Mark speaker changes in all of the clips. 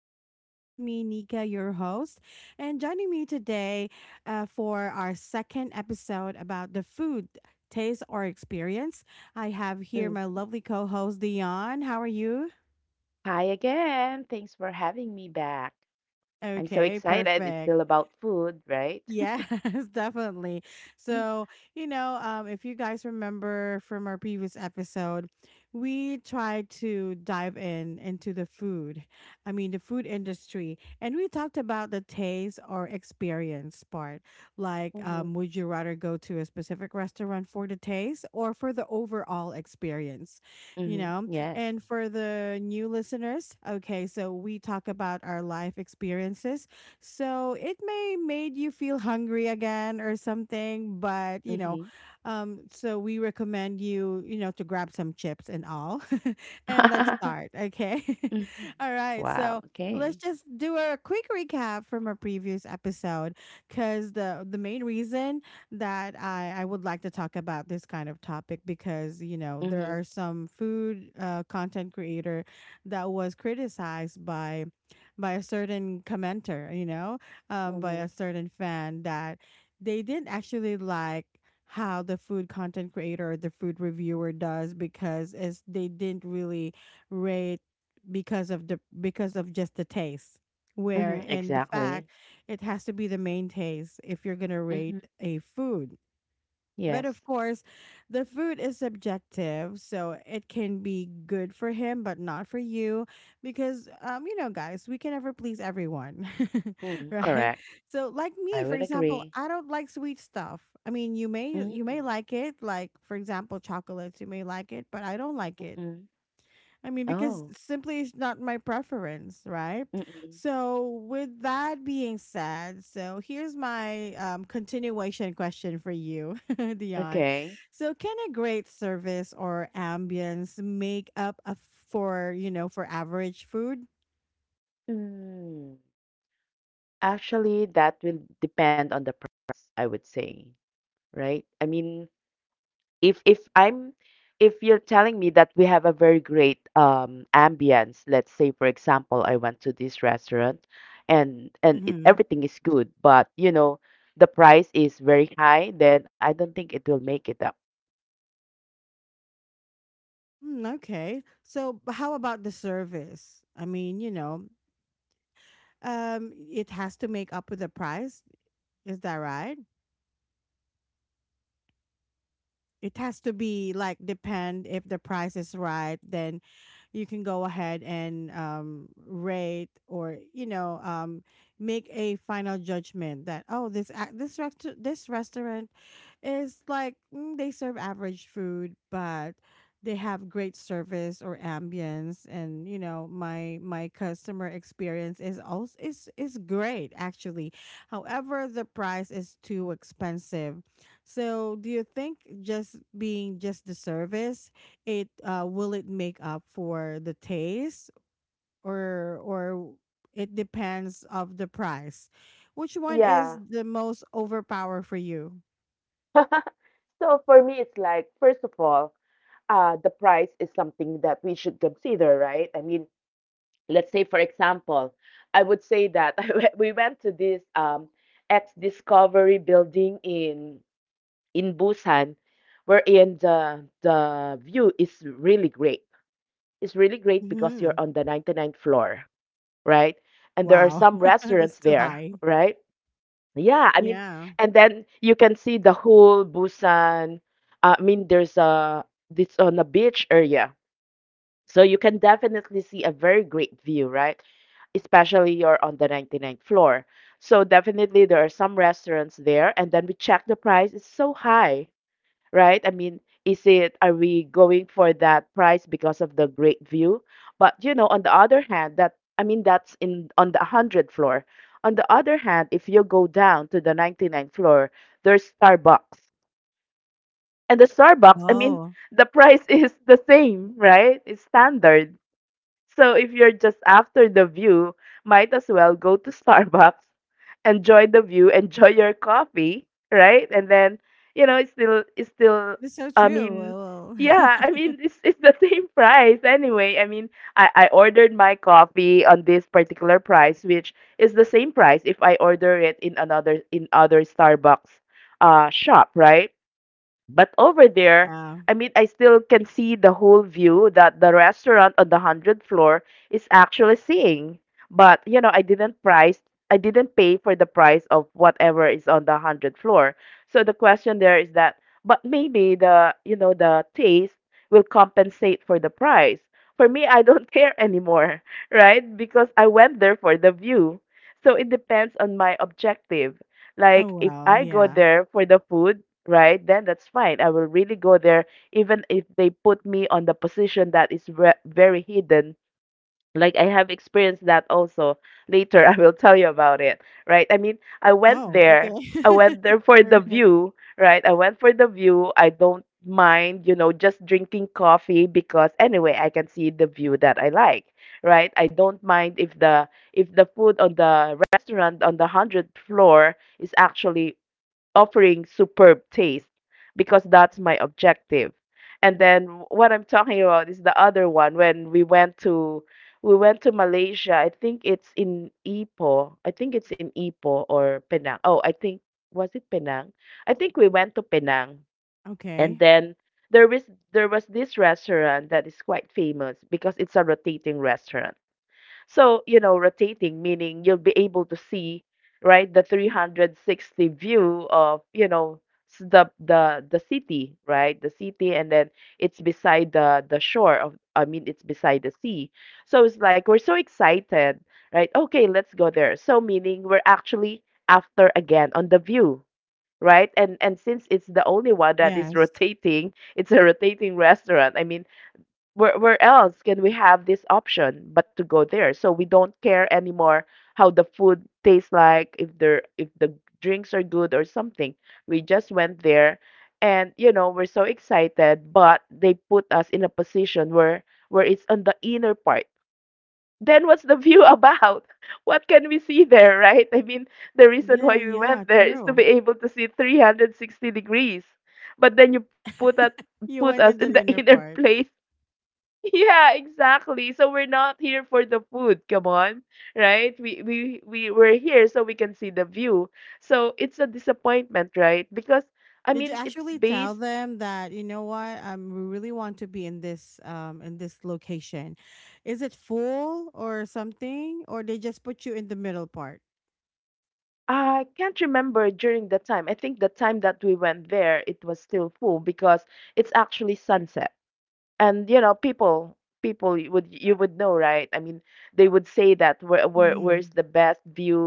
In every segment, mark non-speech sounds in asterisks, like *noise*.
Speaker 1: guys. This is me, Nika, your host, and joining me today for our second episode about the food taste or experience. I have here my
Speaker 2: Mhm.
Speaker 1: lovely co-host Dion. How are you?
Speaker 2: Hi again. Thanks for having me back. I'm so
Speaker 1: Okay,
Speaker 2: excited. It's
Speaker 1: perfect.
Speaker 2: still about food, right?
Speaker 1: Yes, *laughs* definitely.
Speaker 2: *laughs*
Speaker 1: So, if you guys remember from our previous episode, we tried to dive in into the food. I mean, the food industry, and we talked about the taste or experience part. Like,
Speaker 2: hmm
Speaker 1: would you rather go to a specific restaurant for the taste or for the overall experience? You
Speaker 2: hmm
Speaker 1: know,
Speaker 2: Yes.
Speaker 1: and for the new listeners, okay, so we talk about our life experiences so it may made you feel hungry again or something, but
Speaker 2: hmm
Speaker 1: so we recommend you, to grab some chips and all. *laughs* And let's start, okay?
Speaker 2: *laughs* hmm
Speaker 1: *laughs* All right. So
Speaker 2: Wow.
Speaker 1: let's
Speaker 2: Okay.
Speaker 1: just do a quick recap from our previous episode because the main reason that I would like to talk about this kind of topic because you know there
Speaker 2: hmm
Speaker 1: are some food content creator that was criticized by a certain commenter, by
Speaker 2: hmm
Speaker 1: a certain fan that they didn't actually like how the food content creator or the food reviewer does because it's, they didn't really rate because of the because of just the taste where
Speaker 2: hmm
Speaker 1: in the fact
Speaker 2: Exactly.
Speaker 1: it has to be the main taste if you're gonna rate
Speaker 2: hmm
Speaker 1: a food. But of
Speaker 2: Yes.
Speaker 1: course, the food is subjective, so it can be good for him, but not for you, because you know, guys, we can never please everyone, *laughs*
Speaker 2: mm
Speaker 1: right?
Speaker 2: Correct.
Speaker 1: So, like me,
Speaker 2: I
Speaker 1: for
Speaker 2: would
Speaker 1: example,
Speaker 2: agree.
Speaker 1: I don't like sweet stuff. I mean, you may
Speaker 2: Mm
Speaker 1: like it, like for example, chocolates, you may like it, but I don't like it.
Speaker 2: Mm-mm.
Speaker 1: I mean, because
Speaker 2: Oh.
Speaker 1: simply it's not my preference, right?
Speaker 2: Mm-mm.
Speaker 1: So, with that being said, so here's my continuation question for you, *laughs* Dion.
Speaker 2: Okay.
Speaker 1: So, can a great service or ambience make up a, for for average food?
Speaker 2: Mm. Actually, that will depend on the price, I would say, right? I mean, if if I'm if you're telling me that we have a very great ambience. Let's say, for example, I went to this restaurant, and
Speaker 1: Mm-hmm.
Speaker 2: everything is good, but you know, the price is very high, then I don't think it will make it up.
Speaker 1: Mm, okay. So, how about the service? I mean, you know, it has to make up with the price. Is that right? It has to be like depend if the price is right, then you can go ahead and rate or you know make a final judgment that oh this this restaurant is like mm, they serve average food but they have great service or ambience, and you know my customer experience is also is great actually, however the price is too expensive. So, do you think just being just the service, it will it make up for the taste or it depends of the price? Which one
Speaker 2: Yeah.
Speaker 1: is the most overpower for you?
Speaker 2: *laughs* So for me, it's like, first of all, the price is something that we should consider, right? I mean, let's say, for example, I would say that *laughs* I we went to this X Discovery building in Busan, wherein the view is really great. It's really great because you're
Speaker 1: Mhm.
Speaker 2: on the ninety ninth floor, right? And there are
Speaker 1: Wow.
Speaker 2: some
Speaker 1: *laughs* That's
Speaker 2: restaurants
Speaker 1: too
Speaker 2: there,
Speaker 1: high.
Speaker 2: right? Yeah, I mean,
Speaker 1: Yeah.
Speaker 2: and then you can see the whole Busan. I mean, there's a this on a beach area, so you can definitely see a very great view, right? Especially you're on the ninety ninth floor. So definitely there are some restaurants there, and then we check the price. It's so high, right? I mean, are we going for that price because of the great view? But, you know, on the other hand, I mean, that's in on the 100th floor. On the other hand, if you go down to the ninety ninth floor, there's Starbucks. And the Starbucks, I mean,
Speaker 1: Oh,
Speaker 2: the *laughs* price is the same, right? It's standard. So if you're just after the view, might as well go to *laughs* Starbucks, enjoy the view, enjoy your coffee, right? And then, you know, it's still
Speaker 1: that's so
Speaker 2: I
Speaker 1: true.
Speaker 2: mean, yeah, I
Speaker 1: *laughs*
Speaker 2: mean it's the *laughs* same price anyway. I mean, I ordered my coffee on this particular price, which is the same price if I order it in another in other Starbucks shop, right? But over there,
Speaker 1: Yeah.
Speaker 2: I mean, I still can see the whole view that the restaurant on the 100th floor is actually seeing. But, you know, I didn't pay for the price of whatever is on the 100th floor. So the question there is that, but maybe the taste will compensate for the price. For me, I don't *laughs* care anymore, right? Because I went there for the view. So it depends on my objective. Like,
Speaker 1: Oh,
Speaker 2: if
Speaker 1: well,
Speaker 2: I go
Speaker 1: yeah.
Speaker 2: there for the food, right? Then that's fine. I will really go there, even if they put me on the position that is very hidden. Like, I have experienced that also. Later, *laughs* I will tell you about it, right? I mean,
Speaker 1: Oh, okay.
Speaker 2: I went
Speaker 1: *laughs*
Speaker 2: there for
Speaker 1: All
Speaker 2: the
Speaker 1: right.
Speaker 2: view, right? I went for the view. I don't mind, you know, just drinking coffee because anyway, I can see the view that I like, right? I don't mind if the food on the restaurant on the 100th floor is actually offering superb taste, because that's my objective. And then what I'm talking about is the other one when we went to Malaysia. I think it's in Ipoh. I think it's in Ipoh or Penang. Oh, I think, was it Penang? I think we went to Penang. And
Speaker 1: Okay.
Speaker 2: then there is there was this restaurant that is quite famous because it's a rotating restaurant. So, you know, rotating, meaning you'll be able to see, right, the 360 view of, you know, the city, right? The city, and then it's beside the shore of, I mean, it's beside the sea. So it's like we're so excited, right? Okay, let's go there. So meaning we're actually after again on the view, right? And since it's the only one that is *laughs*
Speaker 1: Yes.
Speaker 2: rotating, it's a rotating restaurant. I mean, where else can we have this option but to go there, so we don't care anymore how the food tastes like, if the drinks are good or something. We just went there, and you know, we're so excited, but they put us in a position where it's on the inner part. Then what's the view *laughs* about? What can we see there, right? I mean, the reason
Speaker 1: Yeah,
Speaker 2: why we
Speaker 1: yeah,
Speaker 2: went there is to be
Speaker 1: true.
Speaker 2: able to see 360 degrees, but then you
Speaker 1: You
Speaker 2: put
Speaker 1: went
Speaker 2: us
Speaker 1: in
Speaker 2: in
Speaker 1: the
Speaker 2: the *laughs*
Speaker 1: inner
Speaker 2: inner
Speaker 1: part.
Speaker 2: place. Yeah, exactly. So we're not here for the food. Come on, right? We're here so we can see the view. So it's a disappointment, right? Because, I
Speaker 1: Did you
Speaker 2: mean, it's
Speaker 1: actually tell
Speaker 2: based.
Speaker 1: them that, you know what, we really want to be in this location? Is it full or something? Or they just put you in the middle part?
Speaker 2: I can't remember during the time. I think the time that we went there, it was still full because it's actually sunset. And you know, people, you would know, right? I mean, they would say that
Speaker 1: Hmm.
Speaker 2: where's the best view,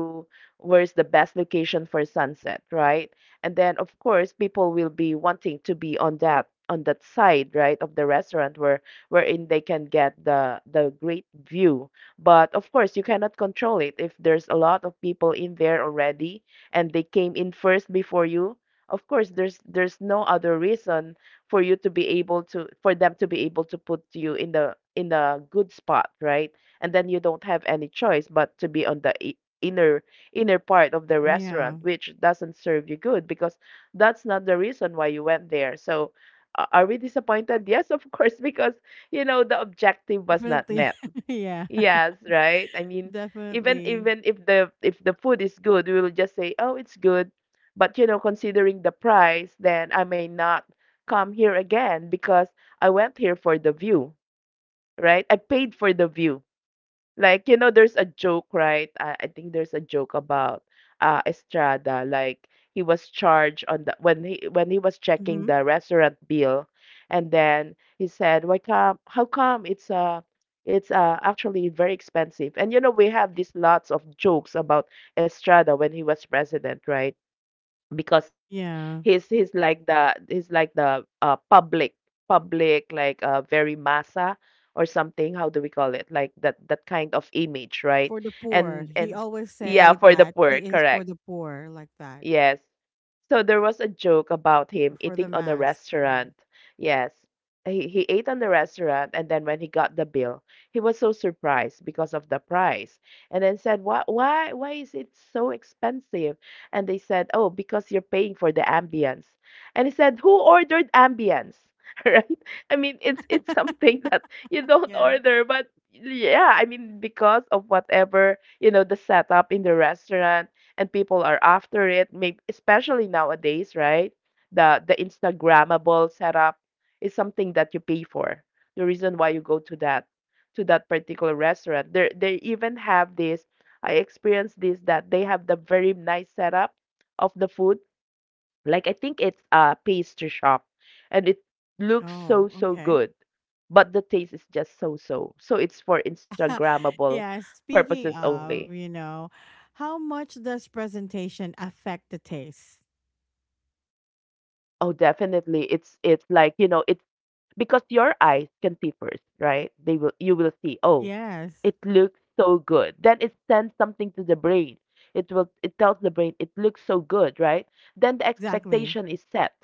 Speaker 2: where's the best location for sunset, right? And then of course people will be wanting to be on that side, right, of the restaurant, wherein they can get the great view. But of course you cannot control it if there's a lot of people in there already, and they came in first before you. Of course there's no other reason for you to be able to for them to be able to put you in the in a good spot, right? And then you don't have any choice but to be on the inner part of the
Speaker 1: Yeah.
Speaker 2: restaurant, which doesn't serve you good because that's not the reason why you went there. So, are we disappointed? Yes, of course, *laughs* because you know the objective was not
Speaker 1: Definitely.
Speaker 2: met.
Speaker 1: *laughs* Yeah.
Speaker 2: Yes, right? I mean,
Speaker 1: Definitely.
Speaker 2: even if the food is good, we will just say, "Oh, it's good." But you know, considering the price, then I may not come here again because I went here for the view, right? I paid for the view. Like, you know, there's a joke, right? I think there's a joke about Estrada. Like, he was charged on the when he was checking
Speaker 1: Mm-hmm.
Speaker 2: the restaurant bill, and then he said, "Why come? How come it's actually very expensive?" And you know, we have these lots of jokes about Estrada when he was president, right? Because
Speaker 1: Yeah.
Speaker 2: he's like the, public, like very massa or something. How do we call it? Like that, that kind of image, right?
Speaker 1: For the poor.
Speaker 2: and
Speaker 1: He
Speaker 2: and
Speaker 1: always
Speaker 2: yeah,
Speaker 1: say
Speaker 2: for the
Speaker 1: that
Speaker 2: poor,
Speaker 1: he is for
Speaker 2: correct,
Speaker 1: the poor, like that.
Speaker 2: yes. So there was a joke about
Speaker 1: Or
Speaker 2: him
Speaker 1: for the
Speaker 2: eating on a
Speaker 1: mass. Yeah.
Speaker 2: restaurant. Yes. He ate on the restaurant, and then when he got the bill, he was so surprised because of the price. And then said, "Why why is it so expensive?" And they said, "Oh, because you're paying for the ambience." And he said, "Who ordered ambience?" *laughs* Right? I mean, it's something that you don't
Speaker 1: Yeah.
Speaker 2: order, but yeah, I mean, because of whatever, you know, the setup in the restaurant, and people are after it, maybe especially nowadays, right? The instagrammable setup is something that you pay for, the reason why you go to that particular restaurant. They even have this. I experienced this, that they have the very nice setup of the food. Like, I think it's a pastry shop, and it looks so
Speaker 1: Oh,
Speaker 2: so
Speaker 1: okay.
Speaker 2: good, but the taste is just so so so, it's for
Speaker 1: *laughs*
Speaker 2: instagrammable
Speaker 1: Yeah, speaking
Speaker 2: purposes
Speaker 1: of,
Speaker 2: only.
Speaker 1: you know, how much does presentation affect the taste?
Speaker 2: Oh, definitely. It's, like, you know, it's because your eyes can see first, right? They will you will see, "Oh,
Speaker 1: Yes,
Speaker 2: it looks so good." Then it sends something to the brain. It tells the brain it looks so good, right? Then the
Speaker 1: exactly.
Speaker 2: expectation is set,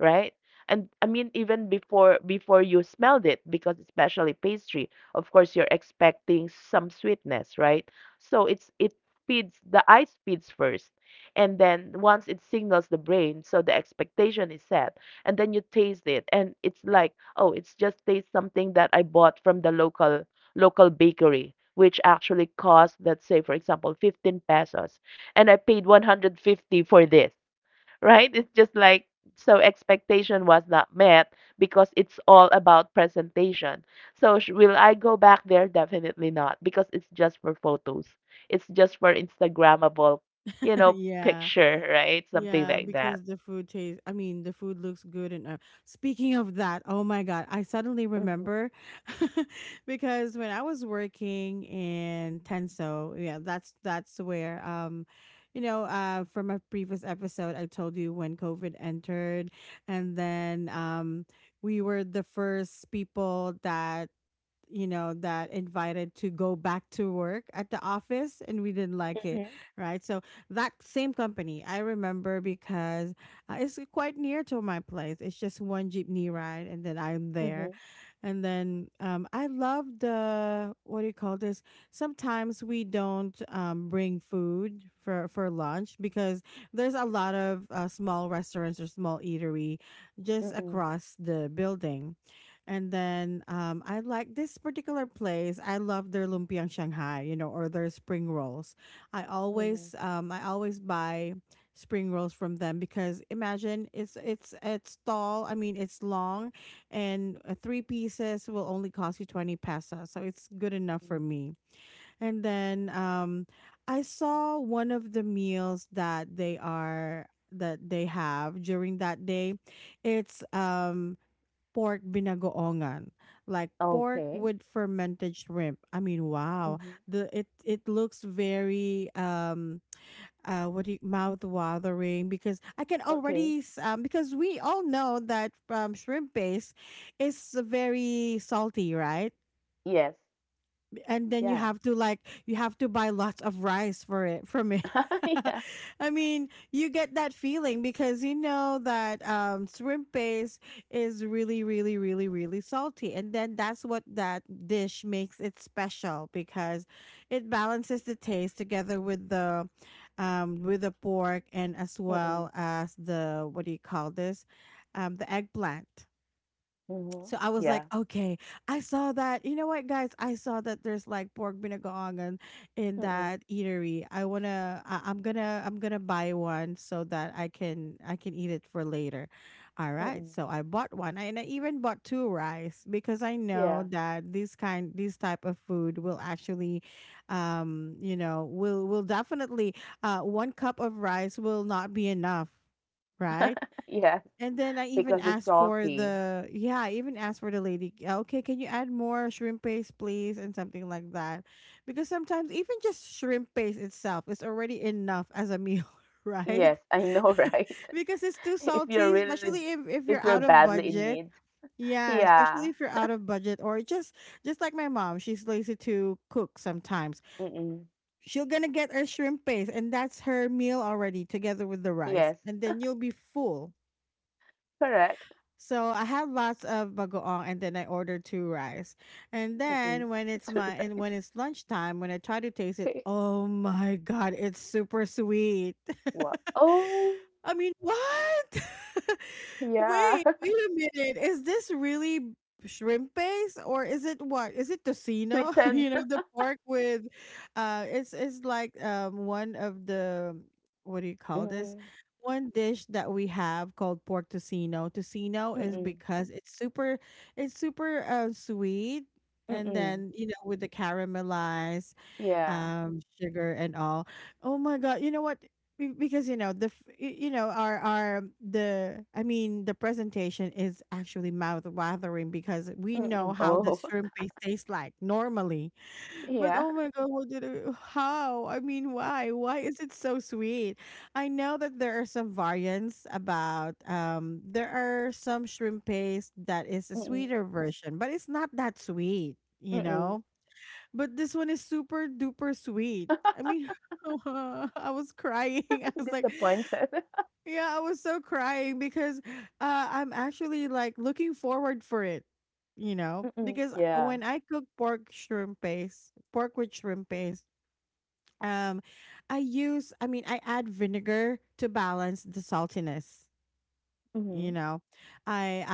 Speaker 2: right? And I mean, even before you smelled it, because especially pastry, of course you're expecting some sweetness, right? So it's, it feeds the eyes, feeds first. And then once it signals the brain, so the expectation is set, and then you taste it and it's like, "Oh, it's just taste something that I bought from the local bakery," which actually cost, let's say, for example, 15 pesos, and I paid 150 for this, *laughs* right? It's just like, so expectation was not met because it's all about presentation. So, will I go back there? Definitely not, because it's just for photos. It's just for Instagrammable,
Speaker 1: *laughs* Yeah.
Speaker 2: picture, *laughs* right? Something
Speaker 1: Yeah,
Speaker 2: like that.
Speaker 1: because the food tastes, I mean, the food looks good. And speaking of that, oh my God, I suddenly
Speaker 2: Mm-hmm.
Speaker 1: remember *laughs* because when I was working in Tenso, yeah, that's where, you know, from a previous episode, I told you when COVID entered, and then we were the first people that you know that invited to go back to work at the office, and we didn't like it, right? So that same company I remember, because it's quite near to my place. It's just one jeepney ride and then I'm
Speaker 2: Mm-hmm.
Speaker 1: there. And then I love the what do you call this? Sometimes we don't bring food for lunch because there's a lot of small restaurants or small eatery just
Speaker 2: Mm-mm,
Speaker 1: across the building. And then I like this particular place. I love their lumpiang Shanghai, you know, or their spring rolls.
Speaker 2: mhm,
Speaker 1: I always buy spring rolls from them because imagine it's tall. I mean, it's long, and three pieces will only cost you 20 pesos, so it's good
Speaker 2: mm.
Speaker 1: enough for me. And then I saw one of the meals that they have during that day. It's pork binagoongan, like pork
Speaker 2: Okay.
Speaker 1: with fermented shrimp. I mean, wow,
Speaker 2: Mhm.
Speaker 1: the it it looks very what do you mouth watering because I can
Speaker 2: Okay.
Speaker 1: already because we all know that shrimp paste is very salty, right?
Speaker 2: Yes.
Speaker 1: And then you
Speaker 2: Yeah.
Speaker 1: have to like you have to buy lots of rice for it from it.
Speaker 2: *laughs* Yeah.
Speaker 1: *laughs* I mean, you get that feeling because you know that shrimp paste is really, really, really, really salty, and then that's what that dish makes it special because it balances the taste together with the pork and as
Speaker 2: Mm-mm.
Speaker 1: well as the what do you call this, the eggplant.
Speaker 2: Mhm.
Speaker 1: So I was
Speaker 2: Yeah.
Speaker 1: like, okay, I saw that. You know what, guys? I saw that there's like pork binagoongan in
Speaker 2: Mm-mm.
Speaker 1: that eatery. I wanna, I'm gonna buy one so that I can eat it for later. All
Speaker 2: Mm-mm.
Speaker 1: right. So I bought one, and I even bought two rice because I
Speaker 2: Yeah.
Speaker 1: know that this type of food will actually, you know, will definitely, one cup of rice will not be enough, right?
Speaker 2: *laughs* Yes.
Speaker 1: And then I
Speaker 2: Because
Speaker 1: even
Speaker 2: it's
Speaker 1: asked for
Speaker 2: salty.
Speaker 1: the yeah, I even asked for the lady, okay, can you add more shrimp paste, please, and something like that, because sometimes even just shrimp paste itself is already enough as a meal, *laughs* right?
Speaker 2: Yes, I know, right? *laughs*
Speaker 1: *laughs* Because it's too
Speaker 2: If you're
Speaker 1: salty,
Speaker 2: really,
Speaker 1: especially if
Speaker 2: if
Speaker 1: you're
Speaker 2: you're
Speaker 1: out of
Speaker 2: badly in need.
Speaker 1: budget. Yeah,
Speaker 2: Yeah.
Speaker 1: especially if you're out of budget or just like my mom, she's lazy to cook sometimes.
Speaker 2: Mm-mm.
Speaker 1: She'll gonna get her shrimp paste and that's her meal already together with the
Speaker 2: Yes.
Speaker 1: rice, and then you'll be full.
Speaker 2: Correct.
Speaker 1: So I have lots of bagoong and then I ordered two rice. And
Speaker 2: Mm-mm.
Speaker 1: then when
Speaker 2: *laughs*
Speaker 1: it's
Speaker 2: To
Speaker 1: my and when
Speaker 2: rice.
Speaker 1: it's lunchtime, when I try to taste it,
Speaker 2: *laughs*
Speaker 1: oh my god, it's super sweet.
Speaker 2: What? Oh,
Speaker 1: *laughs* I mean, what? *laughs*
Speaker 2: yeah.
Speaker 1: Wait,
Speaker 2: *laughs*
Speaker 1: wait a minute. Is this really shrimp base or is it what? Is it tocino? *laughs*
Speaker 2: Sweetened.
Speaker 1: You know, the pork with it's one of the what do you
Speaker 2: *laughs*
Speaker 1: call this?
Speaker 2: Mm-mm.
Speaker 1: One dish that we have called pork tocino. Tocino is
Speaker 2: Mm-mm.
Speaker 1: because it's super sweet, and
Speaker 2: Mm-mm.
Speaker 1: then, you know, with the caramelized
Speaker 2: Yeah.
Speaker 1: sugar and all. Oh my god, you know what, because you know you know our the I mean the presentation is actually mouth watering because we know
Speaker 2: Mm,
Speaker 1: how the
Speaker 2: oh,
Speaker 1: shrimp paste tastes like normally, but
Speaker 2: *laughs* yeah.
Speaker 1: oh my god, how I mean why is it so sweet? I know that there are some variants about there are some shrimp paste that is a
Speaker 2: Mm,
Speaker 1: sweeter version, but it's not that sweet, you
Speaker 2: mm.
Speaker 1: know, but this one is super duper sweet. I mean, *laughs* I was crying. *laughs* I
Speaker 2: *laughs*
Speaker 1: was like,
Speaker 2: Disappointed.
Speaker 1: yeah, I was so crying because I'm actually like looking forward for it, you
Speaker 2: *laughs*
Speaker 1: know,
Speaker 2: Mm,
Speaker 1: because
Speaker 2: yeah.
Speaker 1: when I cook pork shrimp paste, pork with shrimp paste, um, I mean, I add vinegar to balance the saltiness, you
Speaker 2: Mhm,
Speaker 1: know, i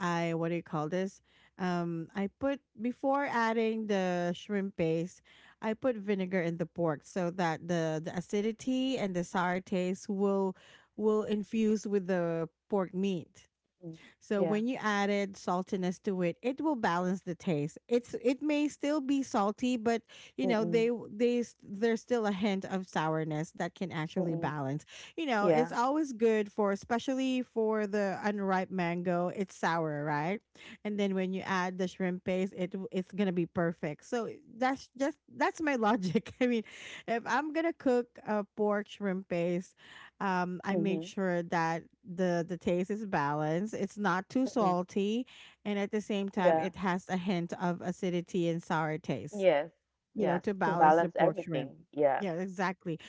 Speaker 1: I what do you call this, I put before adding the shrimp paste, I put vinegar in the pork so that the acidity and the sour taste will infuse with the pork meat.
Speaker 2: mm.
Speaker 1: So
Speaker 2: Yeah.
Speaker 1: when you added saltiness to it, it will balance the taste. It's it may still be salty, but you
Speaker 2: Mm,
Speaker 1: know
Speaker 2: mm.
Speaker 1: they there's still a hint of sourness that can actually balance. You know, it's
Speaker 2: Yeah.
Speaker 1: always good for especially for the unripe mango. It's sour, right? And then when you add the shrimp paste, it's gonna be perfect. So that's my logic. *laughs* I mean, if I'm gonna cook a pork shrimp paste, I
Speaker 2: Mhm,
Speaker 1: made sure that the taste is balanced. It's not too
Speaker 2: mm.
Speaker 1: salty, and at the same time,
Speaker 2: Yeah.
Speaker 1: it has a hint of acidity and sour taste.
Speaker 2: Yes.
Speaker 1: You
Speaker 2: Yes,
Speaker 1: know, to
Speaker 2: to
Speaker 1: balance the
Speaker 2: balance
Speaker 1: pork shrimp.
Speaker 2: everything. Yeah.
Speaker 1: Yeah, exactly.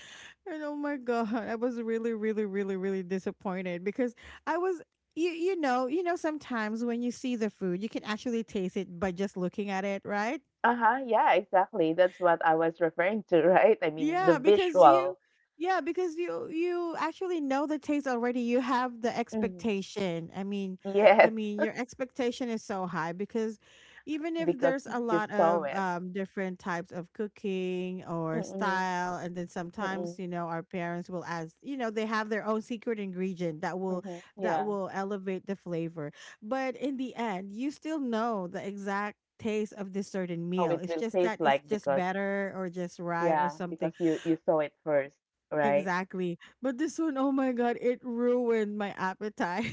Speaker 1: And oh my god, I was really, really, really, really disappointed because I was. You know sometimes when you see the food, you can actually taste it by just looking at it, right?
Speaker 2: Uh-huh, yeah, exactly. That's what I was referring to, *laughs* right? I mean, the
Speaker 1: Yeah, because
Speaker 2: visual.
Speaker 1: you yeah, because you actually know the taste already. You have the
Speaker 2: Mhm.
Speaker 1: expectation. I mean,
Speaker 2: Yes,
Speaker 1: I mean your expectation is so high because even
Speaker 2: *laughs*
Speaker 1: if
Speaker 2: because
Speaker 1: there's a
Speaker 2: you
Speaker 1: lot
Speaker 2: saw
Speaker 1: of
Speaker 2: it.
Speaker 1: different types of cooking
Speaker 2: Mm,
Speaker 1: or
Speaker 2: mm.
Speaker 1: style, and then
Speaker 2: Mm,
Speaker 1: sometimes, our parents will ask, they have their own secret ingredient that will
Speaker 2: mhm. Yeah.
Speaker 1: elevate the flavor. But in the end, you still know the exact taste of this certain
Speaker 2: How
Speaker 1: meal.
Speaker 2: it
Speaker 1: It's
Speaker 2: will
Speaker 1: just
Speaker 2: taste
Speaker 1: that it's
Speaker 2: like
Speaker 1: just
Speaker 2: because
Speaker 1: better or just right or
Speaker 2: yeah, because
Speaker 1: something.
Speaker 2: you saw it first, right?
Speaker 1: Exactly. But this one, oh my God, it ruined my appetite.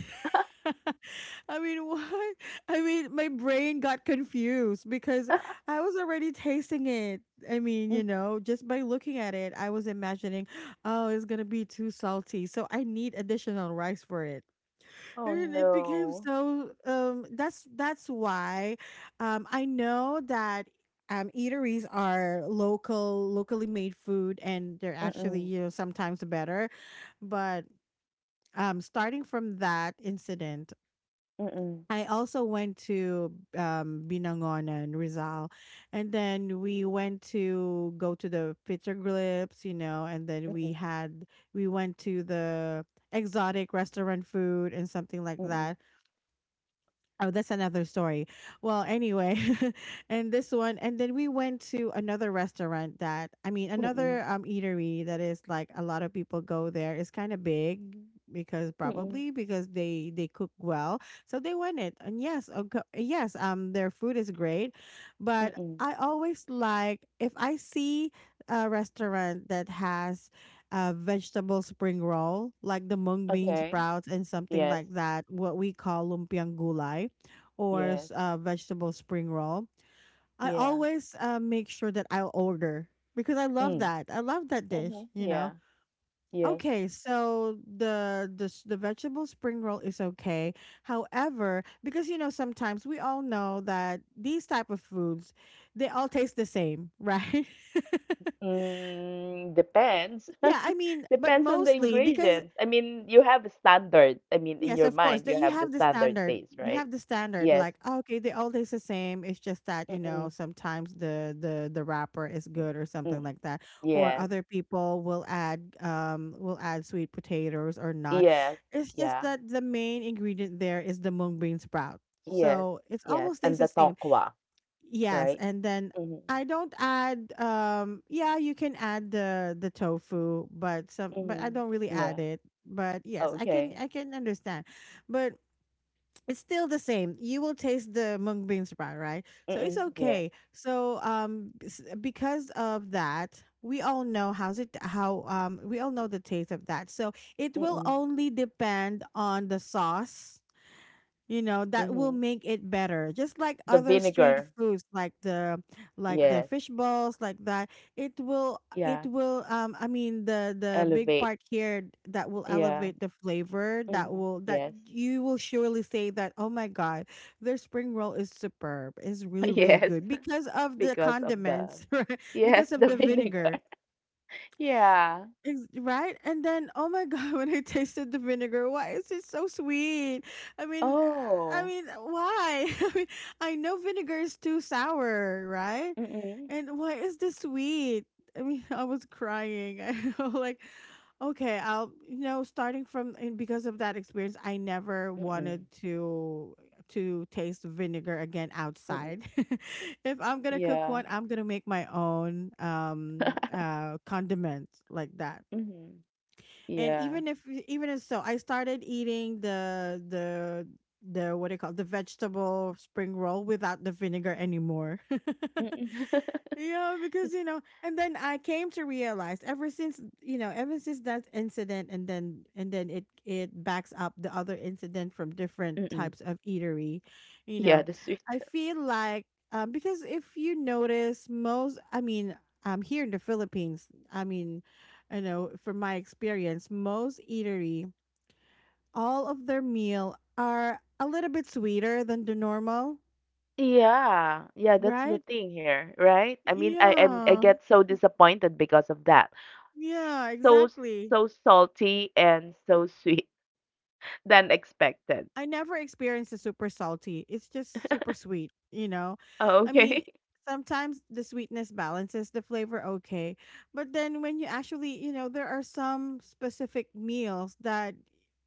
Speaker 1: *laughs* I mean, what? I mean, my brain got confused because
Speaker 2: *laughs*
Speaker 1: I was already tasting it. I mean,
Speaker 2: Mm.
Speaker 1: just by looking at it, I was imagining, oh, it's going to be too salty. So I need additional rice for it.
Speaker 2: Oh
Speaker 1: And then it became
Speaker 2: no.
Speaker 1: so. That's why I know that eateries are locally made food, and they're actually,
Speaker 2: Mm-mm.
Speaker 1: sometimes better. But starting from that incident,
Speaker 2: Mm-mm.
Speaker 1: I also went to Binangonan Rizal, and then we went to go to the Pizza grips, and then
Speaker 2: Mm-mm.
Speaker 1: we went to the exotic restaurant food and something like
Speaker 2: Mm-mm.
Speaker 1: that. Oh, that's another story. Well, anyway, *laughs* and this one, and then we went to another restaurant that, I mean,
Speaker 2: Mm-mm.
Speaker 1: another eatery that is like a lot of people go there. It's kind of big because
Speaker 2: Mm-mm.
Speaker 1: probably because they cook well, so they went it. And yes, okay, yes, their food is great, but
Speaker 2: Mm-mm.
Speaker 1: I always like if I see a restaurant that has a vegetable spring roll, like the mung bean
Speaker 2: Okay.
Speaker 1: sprouts and something
Speaker 2: Yes.
Speaker 1: like that, what we call lumpiang gulay or
Speaker 2: Yes.
Speaker 1: vegetable spring roll, I
Speaker 2: Yeah.
Speaker 1: always make sure that I'll order because I love
Speaker 2: Mm.
Speaker 1: that. I love that
Speaker 2: Mm-hmm.
Speaker 1: dish.
Speaker 2: Yeah. Yes.
Speaker 1: Okay, so the vegetable spring roll is okay. However, because sometimes we all know that these type of foods, they all taste the same, right?
Speaker 2: Mm, depends.
Speaker 1: *laughs* Yeah, I mean,
Speaker 2: *laughs*
Speaker 1: but
Speaker 2: Depends on the
Speaker 1: mostly because.
Speaker 2: ingredients. I mean, you have a standard. I mean, in
Speaker 1: Yes,
Speaker 2: your
Speaker 1: of course.
Speaker 2: mind, you
Speaker 1: That you
Speaker 2: have the
Speaker 1: have the
Speaker 2: standard
Speaker 1: standard.
Speaker 2: taste,
Speaker 1: You
Speaker 2: right?
Speaker 1: have the standard.
Speaker 2: Yes.
Speaker 1: Like, "Oh, okay, they all taste the same. It's just that
Speaker 2: Mm-mm.
Speaker 1: sometimes the wrapper is
Speaker 2: Mm.
Speaker 1: good or
Speaker 2: Mm,
Speaker 1: something like that, or
Speaker 2: yes.
Speaker 1: other people will add sweet potatoes or not.
Speaker 2: Yes.
Speaker 1: It's just
Speaker 2: Yeah.
Speaker 1: that the main ingredient there is the mung bean sprout,
Speaker 2: Yes,
Speaker 1: so it's
Speaker 2: yes,
Speaker 1: almost tastes
Speaker 2: and
Speaker 1: the
Speaker 2: the
Speaker 1: same.
Speaker 2: tokwa,
Speaker 1: Yes,
Speaker 2: right?
Speaker 1: and then
Speaker 2: Mhm,
Speaker 1: I don't add yeah, you can add the tofu, but some but I
Speaker 2: mhm,
Speaker 1: don't really add
Speaker 2: yeah,
Speaker 1: it. But yes, I can
Speaker 2: okay.
Speaker 1: I can understand. But it's still the same. You will taste the mung bean sprat, right? So it's
Speaker 2: Mm-mm, yes,
Speaker 1: okay. So because of that, we all know how's it how we all know the taste of that. So it will
Speaker 2: mm-mm,
Speaker 1: only depend on the sauce that
Speaker 2: mhm.
Speaker 1: will make it better, just like
Speaker 2: The
Speaker 1: other street
Speaker 2: vinegar,
Speaker 1: foods like the
Speaker 2: yes,
Speaker 1: fish balls like that. It will
Speaker 2: yeah,
Speaker 1: I mean the big
Speaker 2: elevate,
Speaker 1: part here that will
Speaker 2: yeah,
Speaker 1: elevate the flavor
Speaker 2: hmm
Speaker 1: that
Speaker 2: yes,
Speaker 1: you will surely say that, oh my God, their spring roll is superb, is
Speaker 2: *laughs*
Speaker 1: really, really
Speaker 2: yes,
Speaker 1: good because
Speaker 2: *laughs*
Speaker 1: of the
Speaker 2: because of the,
Speaker 1: condiments, *laughs* right?
Speaker 2: yes,
Speaker 1: Because of
Speaker 2: the
Speaker 1: the
Speaker 2: vinegar,
Speaker 1: vinegar.
Speaker 2: *laughs* yeah,
Speaker 1: Right? And then, oh my God, *laughs* when I tasted the vinegar, why is it so sweet? I mean, uh, I
Speaker 2: oh,
Speaker 1: mean, why? *laughs* I mean, I know vinegar is too sour, right?
Speaker 2: mm-mm,
Speaker 1: And why is this sweet? I mean, *laughs* I was crying. *laughs* I know, like, okay, I'll, starting from and because of that experience, I never wanted
Speaker 2: mm-mm,
Speaker 1: to taste vinegar again
Speaker 2: mm-mm,
Speaker 1: outside. *laughs* If I'm gonna cook one,
Speaker 2: yeah,
Speaker 1: I'm gonna make my own condiment like that.
Speaker 2: mm-hmm,
Speaker 1: And
Speaker 2: yeah,
Speaker 1: even if so, I started eating the what do you call the vegetable spring roll without the vinegar anymore. *laughs*
Speaker 2: mm-mm, *laughs*
Speaker 1: Yeah, because and then I came to realize ever since, ever since that incident, and then it backs up the other incident from different types
Speaker 2: mm-mm,
Speaker 1: of eatery. You know,
Speaker 2: yeah, the
Speaker 1: I
Speaker 2: sweet.
Speaker 1: feel like because if you notice, most I mean, here in the Philippines, I mean, from my experience, most eatery, all of their meal are a little bit sweeter than the normal,
Speaker 2: Yeah, yeah, that's
Speaker 1: right?
Speaker 2: the thing here, right? I mean, I
Speaker 1: Yeah,
Speaker 2: get so disappointed because of that.
Speaker 1: yeah,
Speaker 2: So
Speaker 1: exactly.
Speaker 2: so salty and so sweet *laughs* than expected.
Speaker 1: I never experienced the super salty. It's just super sweet, you know?
Speaker 2: Oh,
Speaker 1: I mean,
Speaker 2: okay. *laughs*
Speaker 1: sometimes the sweetness balances the flavor, okay. But then when you actually, there are some specific meals that,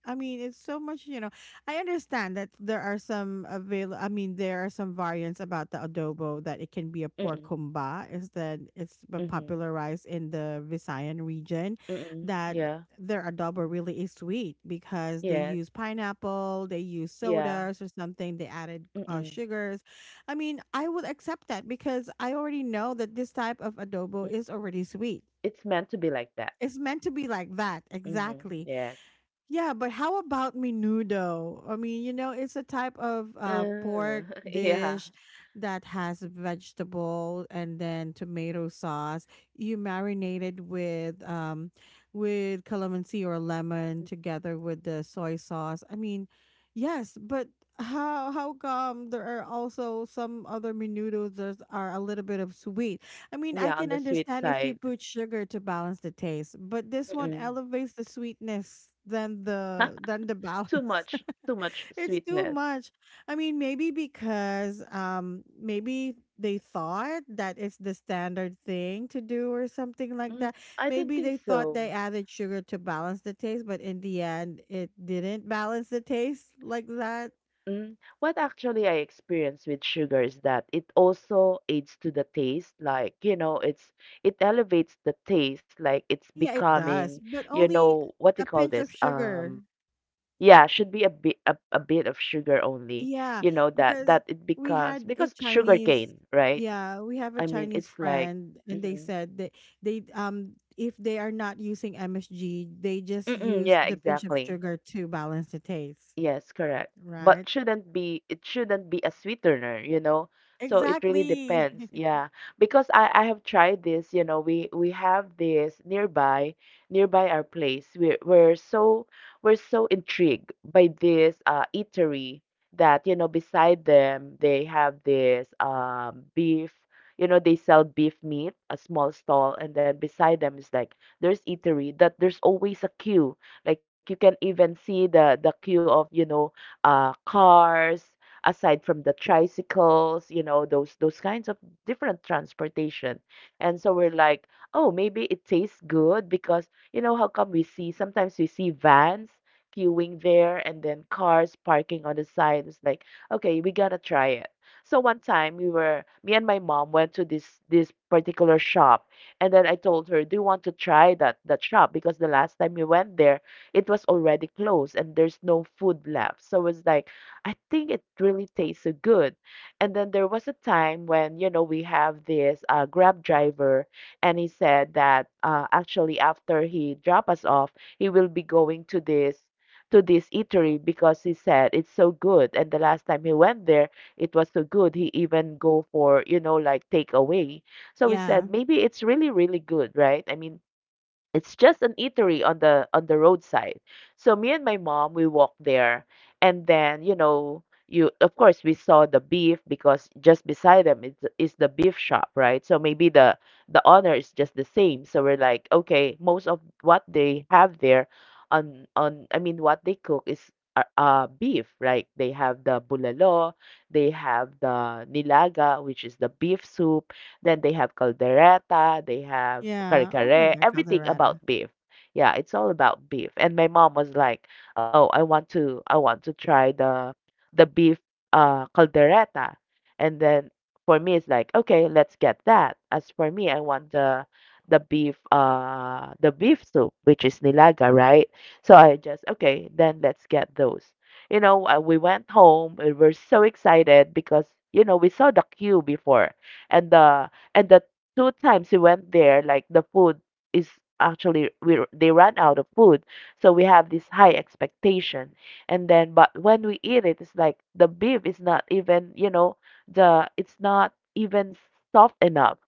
Speaker 1: I mean, it's so much. I understand that there are some avail I mean, there are some variants about the adobo that it can be a pork
Speaker 2: Mm-mm,
Speaker 1: humba, is that it's
Speaker 2: mm-mm,
Speaker 1: popularized in the Visayan region,
Speaker 2: mm-mm,
Speaker 1: that
Speaker 2: yeah,
Speaker 1: their adobo really is sweet because they
Speaker 2: yes,
Speaker 1: use pineapple, they use
Speaker 2: yeah.
Speaker 1: sodas or something, they added
Speaker 2: Mm-mm,
Speaker 1: sugars. I mean, I would accept that because I already know that this type of adobo
Speaker 2: mm.
Speaker 1: is already sweet.
Speaker 2: It's meant to be like that.
Speaker 1: It's meant to be like that,
Speaker 2: Mm-hmm,
Speaker 1: exactly.
Speaker 2: yes.
Speaker 1: Yeah, but how about menudo? I mean, it's a type of
Speaker 2: Uh,
Speaker 1: pork
Speaker 2: *laughs* yeah,
Speaker 1: dish that has vegetable and then tomato sauce. You marinate it with calamansi or lemon together with the soy sauce. I mean, yes, but how come there are also some other menudos that are a little bit of sweet? I mean, I
Speaker 2: yeah, on
Speaker 1: can
Speaker 2: the sweet
Speaker 1: understand if you
Speaker 2: side.
Speaker 1: put sugar to balance the taste, but this one
Speaker 2: Mm-mm.
Speaker 1: elevates the sweetness than the
Speaker 2: *laughs*
Speaker 1: balance.
Speaker 2: Too much
Speaker 1: *laughs* It's too
Speaker 2: sweetness.
Speaker 1: much. I mean, maybe because maybe they thought that it's the standard thing to do or something like
Speaker 2: Mm,
Speaker 1: that.
Speaker 2: I don't
Speaker 1: Maybe
Speaker 2: think
Speaker 1: they thought they
Speaker 2: so.
Speaker 1: added sugar to balance the taste, but in the end it didn't balance the taste like that.
Speaker 2: Mm, what actually I experience with sugar is that it also aids to the taste, like, you know, it's it elevates the taste, like it's
Speaker 1: Yeah, it
Speaker 2: becoming,
Speaker 1: does, but
Speaker 2: you
Speaker 1: only
Speaker 2: know, what do you
Speaker 1: a
Speaker 2: call
Speaker 1: pinch of
Speaker 2: this?
Speaker 1: sugar.
Speaker 2: Yeah, should be a bit of sugar only,
Speaker 1: Yeah,
Speaker 2: you know, that
Speaker 1: because
Speaker 2: that it
Speaker 1: we
Speaker 2: becomes
Speaker 1: had a
Speaker 2: because
Speaker 1: Chinese,
Speaker 2: sugarcane, right?
Speaker 1: yeah, we have a
Speaker 2: I mean,
Speaker 1: Chinese
Speaker 2: it's like,
Speaker 1: friend, and they
Speaker 2: mm-mm,
Speaker 1: said that they if they are not using MSG, they just
Speaker 2: mm-mm,
Speaker 1: use
Speaker 2: yeah,
Speaker 1: the pinch of
Speaker 2: exactly.
Speaker 1: sugar to balance the taste,
Speaker 2: Yes, correct.
Speaker 1: right?
Speaker 2: But shouldn't be it shouldn't be a sweetener, you know. So it really
Speaker 1: Exactly.
Speaker 2: depends.
Speaker 1: *laughs*
Speaker 2: Yeah. Because I have tried this, you know, we have this nearby our place. We're so intrigued by this eatery that, you know, beside them they have this beef, you know, they sell beef meat, a small stall, and then beside them is like there's eatery that there's always a queue like you can even see the queue of, you know, cars aside from the tricycles, you know, those kinds of different transportation. And so we're like, "Oh, maybe it tastes good because you know how come we see sometimes we see vans queuing there and then cars parking on the side." It's like, "Okay, we got to try it." So one time we were me and my mom went to this particular shop and then I told her, "Do you want to try that shop?" Because the last time we went there, it was already closed and there's no food left. So it's like, I think it really tastes so good. And then there was a time when, you know, we have this Grab driver and he said that actually after he drop us off, he will be going to this eatery because he said it's so good and the last time he went there it was so good he even go for you know like takeaway. So we
Speaker 1: Yeah,
Speaker 2: said maybe it's really really good, right? I mean, it's just an eatery on the roadside. So me and my mom we walked there and then, you know, you of course we saw the beef because just beside them is the beef shop, right? So maybe the honor is just the same. So we're like, okay, most of what they have there on I mean what they cook is beef, right? They have the bulalo, they have the nilaga, which is the beef soup, then they have caldereta, they have
Speaker 1: yeah. Oh my
Speaker 2: kare-kare,
Speaker 1: God,
Speaker 2: everything
Speaker 1: Colorado.
Speaker 2: about beef. Yeah, it's all about beef. And my mom was like, "Oh, I want to try the beef caldereta." And then for me it's like, "Okay, let's get that." As for me, I want the beef soup, which is nilaga, right? So I just, "Okay, then let's get those." You know, we went home. We were so excited because you know we saw the queue before, and the two times we went there, like the food is actually they ran out of food, so we have this high expectation. And then, but when we eat it, it's like the beef is not even, you know, the it's not even soft enough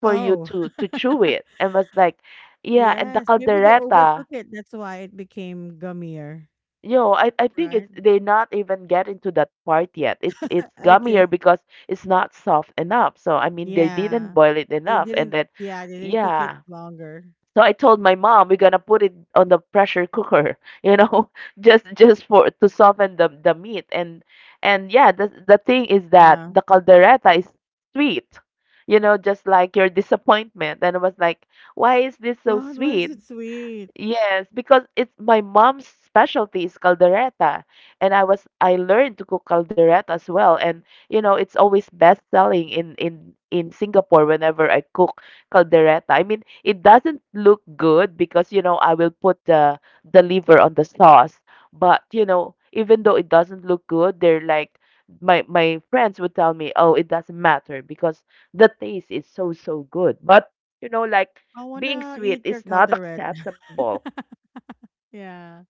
Speaker 2: for you
Speaker 1: Oh,
Speaker 2: to chew
Speaker 1: *laughs*
Speaker 2: it. And was like, yeah, and the
Speaker 1: yes. Maybe they
Speaker 2: caldereta.
Speaker 1: overcook it. That's why it became gummier,
Speaker 2: Yo, I think it's
Speaker 1: right?
Speaker 2: they're not even getting to that part yet. It's gummier
Speaker 1: Okay.
Speaker 2: because it's not soft enough. So I mean they didn't
Speaker 1: Yeah.
Speaker 2: boil it
Speaker 1: They
Speaker 2: enough and
Speaker 1: didn't,
Speaker 2: then
Speaker 1: yeah, they didn't cook it
Speaker 2: yeah.
Speaker 1: longer.
Speaker 2: So I told my mom we're gonna put it on the pressure cooker, *laughs* you know, *laughs* just for to soften the meat and yeah, the thing is that
Speaker 1: Yeah.
Speaker 2: the caldereta is sweet, you know, just like your disappointment. And I was like, why is this so
Speaker 1: God, why is
Speaker 2: sweet?
Speaker 1: it sweet?
Speaker 2: Yes, because it's my mom's specialty is caldereta, and I learned to cook caldereta as well, and you know it's always best selling in in Singapore whenever I cook caldereta. I mean, it doesn't look good because you know I will put the liver on the sauce, but you know even though it doesn't look good, they're like my friends would tell me, oh, it doesn't matter because the taste is so so good, but you know like
Speaker 1: I
Speaker 2: being
Speaker 1: wanna
Speaker 2: sweet
Speaker 1: eat your
Speaker 2: is not
Speaker 1: calderette.
Speaker 2: acceptable.
Speaker 1: *laughs* Yeah.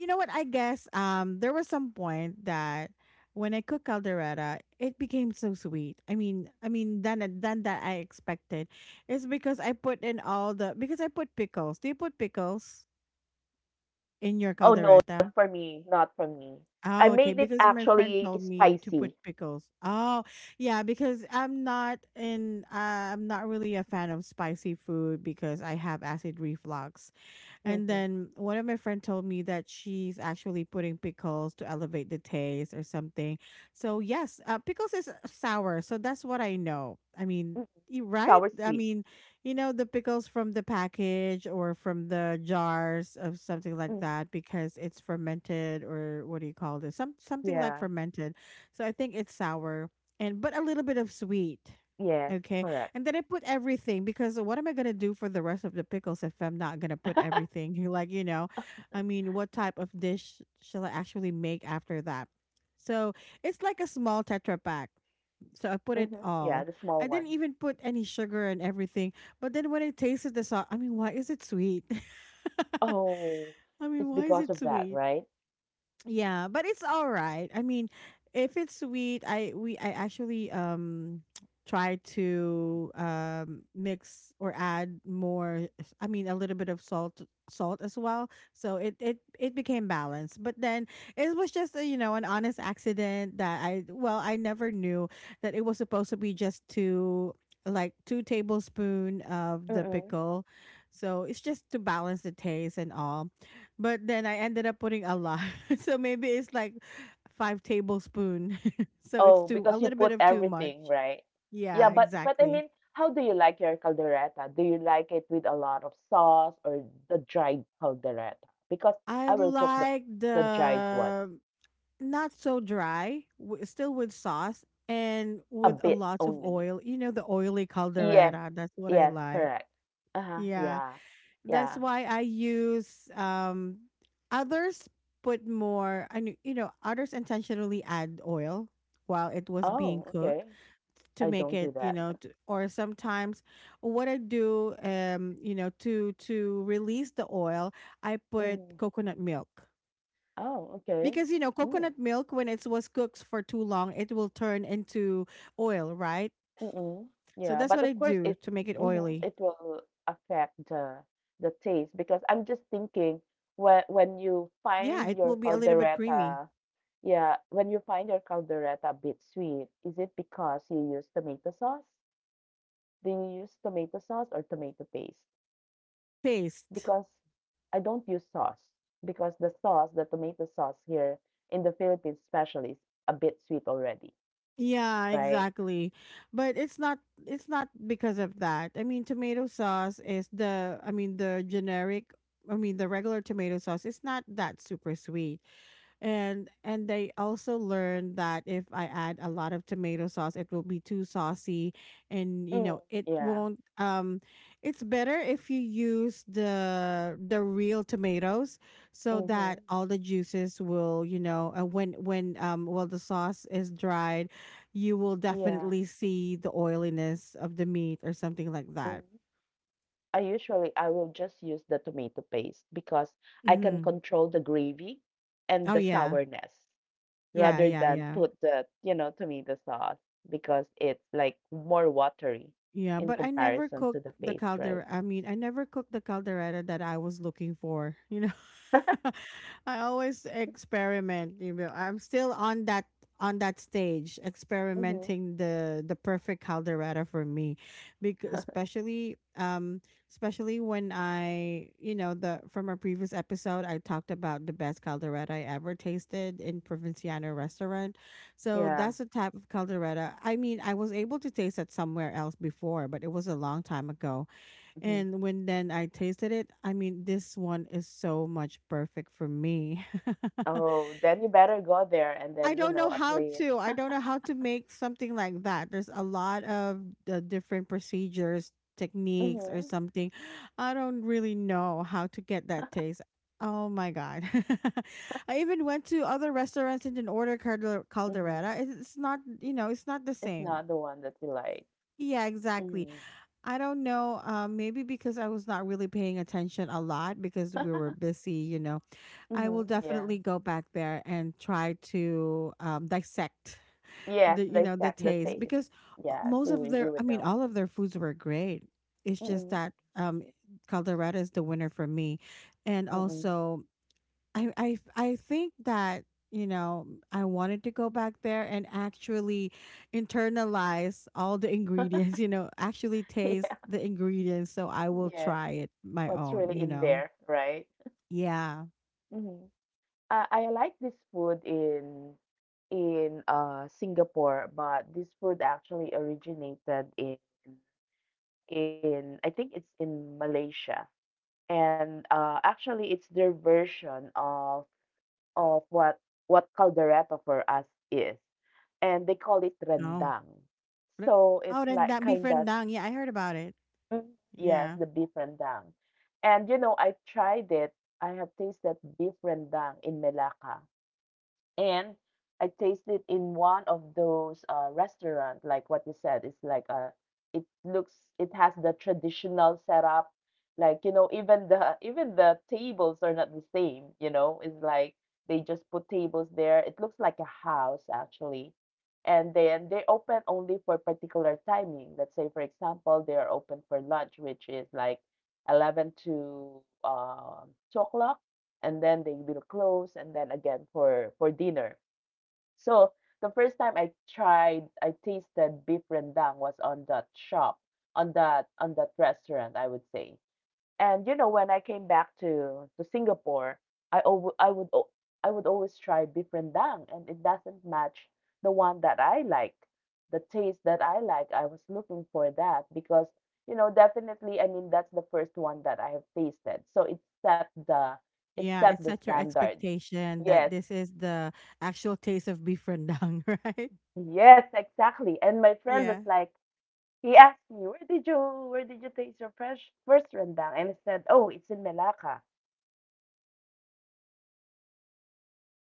Speaker 1: You know what? I guess there was some point that when I cooked caldereta, it became so sweet. I mean, than that I expected. It's because I put in all the, because I put pickles. Do you put pickles in your
Speaker 2: Oh, no,
Speaker 1: caldereta?
Speaker 2: not for me, not for me. I
Speaker 1: Oh, okay.
Speaker 2: made it
Speaker 1: Because my friend
Speaker 2: actually
Speaker 1: told me to put
Speaker 2: spicy.
Speaker 1: pickles. Oh, yeah. Because I'm not in. I'm not really a fan of spicy food because I have acid reflux. And
Speaker 2: Mhm,
Speaker 1: then one of my friend told me that she's actually putting pickles to elevate the taste or something. So yes, pickles is sour, so that's what I know. I mean,
Speaker 2: mhm.
Speaker 1: you right?
Speaker 2: Sour
Speaker 1: I
Speaker 2: sweet.
Speaker 1: mean, you know the pickles from the package or from the jars of something like
Speaker 2: Mhm.
Speaker 1: that because it's fermented or what do you call this? Something like
Speaker 2: Yeah.
Speaker 1: fermented. So I think it's sour and but a little bit of sweet.
Speaker 2: Yes,
Speaker 1: Okay.
Speaker 2: correct.
Speaker 1: And then I put everything because what am I gonna do for the rest of the pickles if I'm not gonna put everything? *laughs* Like, I mean, what type of dish shall I actually make after that? So it's like a small tetra pack. So I put it
Speaker 2: Mhm.
Speaker 1: all.
Speaker 2: Yeah, the
Speaker 1: I
Speaker 2: small
Speaker 1: didn't
Speaker 2: one.
Speaker 1: even put any sugar and everything. But then when I tasted the salt, I mean, why is it sweet? *laughs*
Speaker 2: Oh,
Speaker 1: I mean,
Speaker 2: it's
Speaker 1: why is
Speaker 2: because
Speaker 1: it
Speaker 2: of that,
Speaker 1: sweet?
Speaker 2: right?
Speaker 1: Yeah, but it's all right. I mean, if it's sweet, I actually try to mix or add more, I mean, a little bit of salt as well. So it became balanced. But then it was just a, an honest accident that I, well, I never knew that it was supposed to be just 2, like 2 tablespoon of the
Speaker 2: Mm-mm.
Speaker 1: pickle. So it's just to balance the taste and all. But then I ended up putting a lot. *laughs* So maybe it's like 5 tablespoon. *laughs* So
Speaker 2: Oh,
Speaker 1: it's too
Speaker 2: because
Speaker 1: a
Speaker 2: you
Speaker 1: little
Speaker 2: put
Speaker 1: bit of too much.
Speaker 2: everything, right? Yeah,
Speaker 1: Yeah,
Speaker 2: but I
Speaker 1: exactly.
Speaker 2: mean, how do you like your caldereta? Do you like it with a lot of sauce or the dried caldereta? Because
Speaker 1: I
Speaker 2: I will cook the
Speaker 1: like
Speaker 2: dried one
Speaker 1: the, not so dry, still with sauce and
Speaker 2: a
Speaker 1: with a
Speaker 2: bit
Speaker 1: lot of
Speaker 2: only.
Speaker 1: oil. You know the oily
Speaker 2: Yes,
Speaker 1: caldereta. That's what I
Speaker 2: yes,
Speaker 1: like.
Speaker 2: correct. Uh-huh,
Speaker 1: Yeah,
Speaker 2: yeah,
Speaker 1: that's
Speaker 2: yeah.
Speaker 1: why I use others put more. I knew others intentionally add oil while it was being
Speaker 2: Oh,
Speaker 1: cooked
Speaker 2: okay.
Speaker 1: to
Speaker 2: I
Speaker 1: make
Speaker 2: don't do
Speaker 1: it you
Speaker 2: that.
Speaker 1: know
Speaker 2: *laughs*
Speaker 1: to, or sometimes what I do to release the oil. I put
Speaker 2: Mm.
Speaker 1: coconut milk
Speaker 2: Oh, okay.
Speaker 1: because
Speaker 2: Mm.
Speaker 1: coconut milk, when it was cooked for too long, it will turn into oil, right?
Speaker 2: Mm-mm.
Speaker 1: So
Speaker 2: Yeah,
Speaker 1: that's what
Speaker 2: but
Speaker 1: I
Speaker 2: of course
Speaker 1: do
Speaker 2: it
Speaker 1: to make it
Speaker 2: mhm,
Speaker 1: oily.
Speaker 2: it will affect the taste because I'm just thinking when you
Speaker 1: Yeah, it
Speaker 2: find
Speaker 1: will
Speaker 2: your
Speaker 1: be a little bit creamy.
Speaker 2: caldereta, yeah, when you find your caldereta a bit sweet, is it because you use tomato sauce? Do you use tomato sauce or tomato paste?
Speaker 1: Paste.
Speaker 2: Because I don't use sauce because the sauce, the tomato sauce here in the Philippines especially is a bit sweet already,
Speaker 1: Yeah,
Speaker 2: right?
Speaker 1: exactly. But it's not because of that. I mean, tomato sauce is the, I mean, the generic, I mean, the regular tomato sauce is not that super sweet. And they also learned that if I add a lot of tomato sauce, it will be too saucy, and
Speaker 2: Mm.
Speaker 1: it
Speaker 2: Yeah.
Speaker 1: won't, it's better if you use the real tomatoes, so that
Speaker 2: Mm-hmm.
Speaker 1: all the juices will, when well, the sauce is dried, you will
Speaker 2: Yeah.
Speaker 1: definitely see the oiliness of the meat or something like
Speaker 2: Hmm.
Speaker 1: that.
Speaker 2: I usually I will just use the tomato paste because I can
Speaker 1: Mm.
Speaker 2: control the gravy and the
Speaker 1: Oh, yeah.
Speaker 2: sourness rather
Speaker 1: Yeah, yeah,
Speaker 2: than
Speaker 1: yeah.
Speaker 2: put the, you know, tomato sauce because it's like more watery
Speaker 1: Yeah,
Speaker 2: in
Speaker 1: but I never
Speaker 2: comparison to the
Speaker 1: cooked the
Speaker 2: paste, right?
Speaker 1: calder. I mean, I never cooked the caldereta that I was looking for. *laughs* I always experiment. I'm still on that stage,
Speaker 2: Mm-hmm.
Speaker 1: experimenting the perfect caldereta for me, because
Speaker 2: *laughs*
Speaker 1: especially when I, you know the from our previous episode, I talked about the best caldereta I ever tasted in Provinciano restaurant. So
Speaker 2: Yeah.
Speaker 1: that's the type of caldereta. I mean, I was able to taste it somewhere else before, but it was a long time ago.
Speaker 2: Mm-hmm.
Speaker 1: And when then I tasted it, I mean, this one is so much perfect for me. *laughs*
Speaker 2: Oh, then you better go there and then,
Speaker 1: I
Speaker 2: you
Speaker 1: don't
Speaker 2: know,
Speaker 1: know
Speaker 2: at
Speaker 1: how
Speaker 2: least.
Speaker 1: to. I don't know how to make something like that. There's a lot of the different procedures, techniques, or
Speaker 2: Mhm.
Speaker 1: something. I don't really know how to get that taste. Oh my god! *laughs* I even went to other restaurants and didn't order
Speaker 2: Mhm.
Speaker 1: caldereta. It's not the
Speaker 2: It's
Speaker 1: same.
Speaker 2: not the one that you like.
Speaker 1: Yeah, exactly.
Speaker 2: Mhm.
Speaker 1: I don't know. Maybe because I was not really paying attention a lot because we were busy. I will
Speaker 2: Mhm. Yeah.
Speaker 1: definitely go back there and try to, dissect
Speaker 2: Yes,
Speaker 1: the you
Speaker 2: they
Speaker 1: know the
Speaker 2: set the
Speaker 1: taste
Speaker 2: taste.
Speaker 1: because,
Speaker 2: Yes,
Speaker 1: most
Speaker 2: you
Speaker 1: of
Speaker 2: you
Speaker 1: their, I
Speaker 2: would
Speaker 1: mean,
Speaker 2: know.
Speaker 1: all of their foods were great. It's just
Speaker 2: Mhm.
Speaker 1: that, Colorado is the winner for me. And
Speaker 2: Mhm.
Speaker 1: also, I think that, you know I wanted to go back there and actually internalize all the *laughs* ingredients. Actually
Speaker 2: *laughs*
Speaker 1: taste
Speaker 2: Yeah.
Speaker 1: the ingredients, so I will
Speaker 2: Yeah.
Speaker 1: try it my
Speaker 2: What's
Speaker 1: own
Speaker 2: really
Speaker 1: you
Speaker 2: in
Speaker 1: know
Speaker 2: there, right?
Speaker 1: yeah
Speaker 2: Mhm. I like this food in Singapore, but this food actually originated in I think it's in Malaysia. And actually it's their version of what caldereta for us is, and they call it rendang.
Speaker 1: No.
Speaker 2: So it's
Speaker 1: Oh,
Speaker 2: like
Speaker 1: then that
Speaker 2: kind of
Speaker 1: befriend dang. Yeah, I heard about it.
Speaker 2: yes the
Speaker 1: Yeah.
Speaker 2: beef rendang. And you know I tried it I have tasted beef rendang in Melaka. And I tasted it in one of those restaurant, like what you said. It's like a, it looks, it has the traditional setup. Like, you know, even the tables are not the same, you know. It's like they just put tables there. It looks like a house actually. And then they open only for particular timing. Let's say, for example, they are open for lunch, which is like 11 to 2 o'clock and then they will close and then again for dinner. So the first time I tasted beef rendang was on that shop, on that restaurant I would say. And you know, when I came back to Singapore, I alw I would al- I would always try beef rendang, and it doesn't match the one that I like, the taste that I like. I was looking for that because you know, definitely, I mean, that's the first one that I have tasted, so it
Speaker 1: Yeah,
Speaker 2: set
Speaker 1: it's
Speaker 2: the
Speaker 1: such your
Speaker 2: standard.
Speaker 1: expectation that
Speaker 2: Yes,
Speaker 1: this is the actual taste of beef rendang, *laughs* right?
Speaker 2: yes, exactly. And my friend was
Speaker 1: Yeah.
Speaker 2: like, he asked me, where did you taste your fresh first rendang? And I said, oh, it's in Melaka.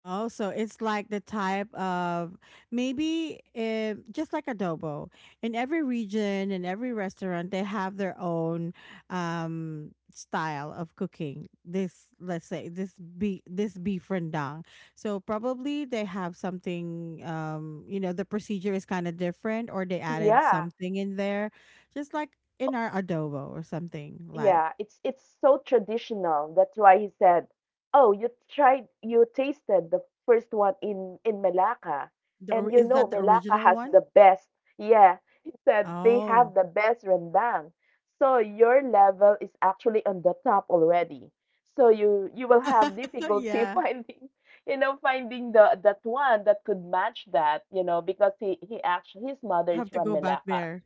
Speaker 1: Oh, so it's like the type of, maybe, just like adobo. In every region and every restaurant, they have their own, style of cooking. This, let's say, this beef rendang. So probably they have something. The procedure is kind of different, or they added
Speaker 2: Yeah.
Speaker 1: something in there, just like in our adobo or something like.
Speaker 2: Yeah, it's so traditional. That's why he said, "Oh, you tried, you tasted the first one in Malacca, and you
Speaker 1: Is
Speaker 2: know
Speaker 1: that the
Speaker 2: Malacca
Speaker 1: original
Speaker 2: has
Speaker 1: one?
Speaker 2: the best." Yeah, *laughs* he said they have
Speaker 1: Oh,
Speaker 2: the best rendang. So your level is actually on the top already. So you will have
Speaker 1: *laughs*
Speaker 2: difficulty *laughs*
Speaker 1: yeah.
Speaker 2: finding, finding the that one that could match that, because he actually his mother is
Speaker 1: Have to
Speaker 2: from
Speaker 1: go back
Speaker 2: Malacca.
Speaker 1: there.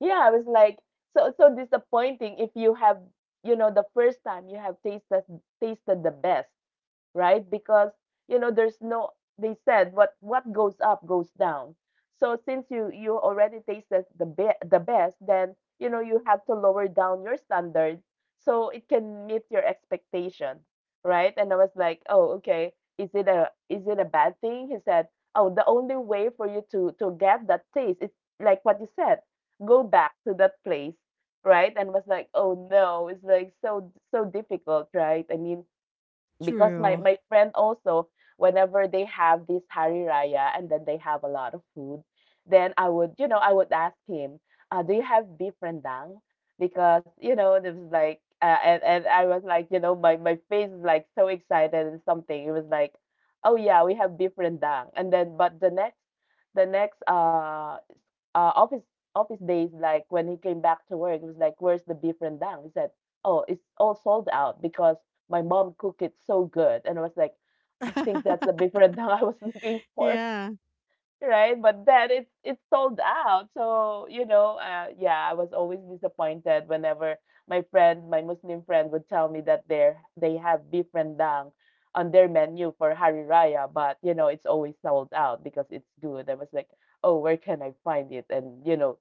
Speaker 2: Yeah, I was like, so disappointing if you have, you know, the first time you have tasted the best, right? Because you know there's no they said what goes up goes down. So since you already tasted the the best, then you know you have to lower down your standards so it can meet your expectation, right? And I was like, "Oh, okay. Is it a bad thing?" He said, "Oh, the only way for you to get that taste is like what you said. Go back to that place." Right? And was like, "Oh no, it's like so difficult, right? I mean, because my
Speaker 1: True.
Speaker 2: my friend also, whenever they have this Hari Raya and then they have a lot of food, then I would, you know, I would ask him, "Do you have beef rendang?" Because, you know, it was like, and I was like, you know, my face is like so excited and something. It was like, "Oh yeah, we have beef rendang." And then, but the next uh, office office days, like when he came back to work, it was like, "Where's the beef rendang?" He said, "Oh, it's all sold out because my mom cooked it so good, and I was like, I think that's the
Speaker 1: *laughs*
Speaker 2: beef rendang *laughs* I was looking for,
Speaker 1: yeah.
Speaker 2: *laughs* right? But then it's sold out. So, you know, yeah, I was always disappointed whenever my friend, my Muslim friend would tell me that they have beef rendang on their menu for Hari Raya, but you know, it's always sold out because it's good. I was like, oh, where can I find it? And you know,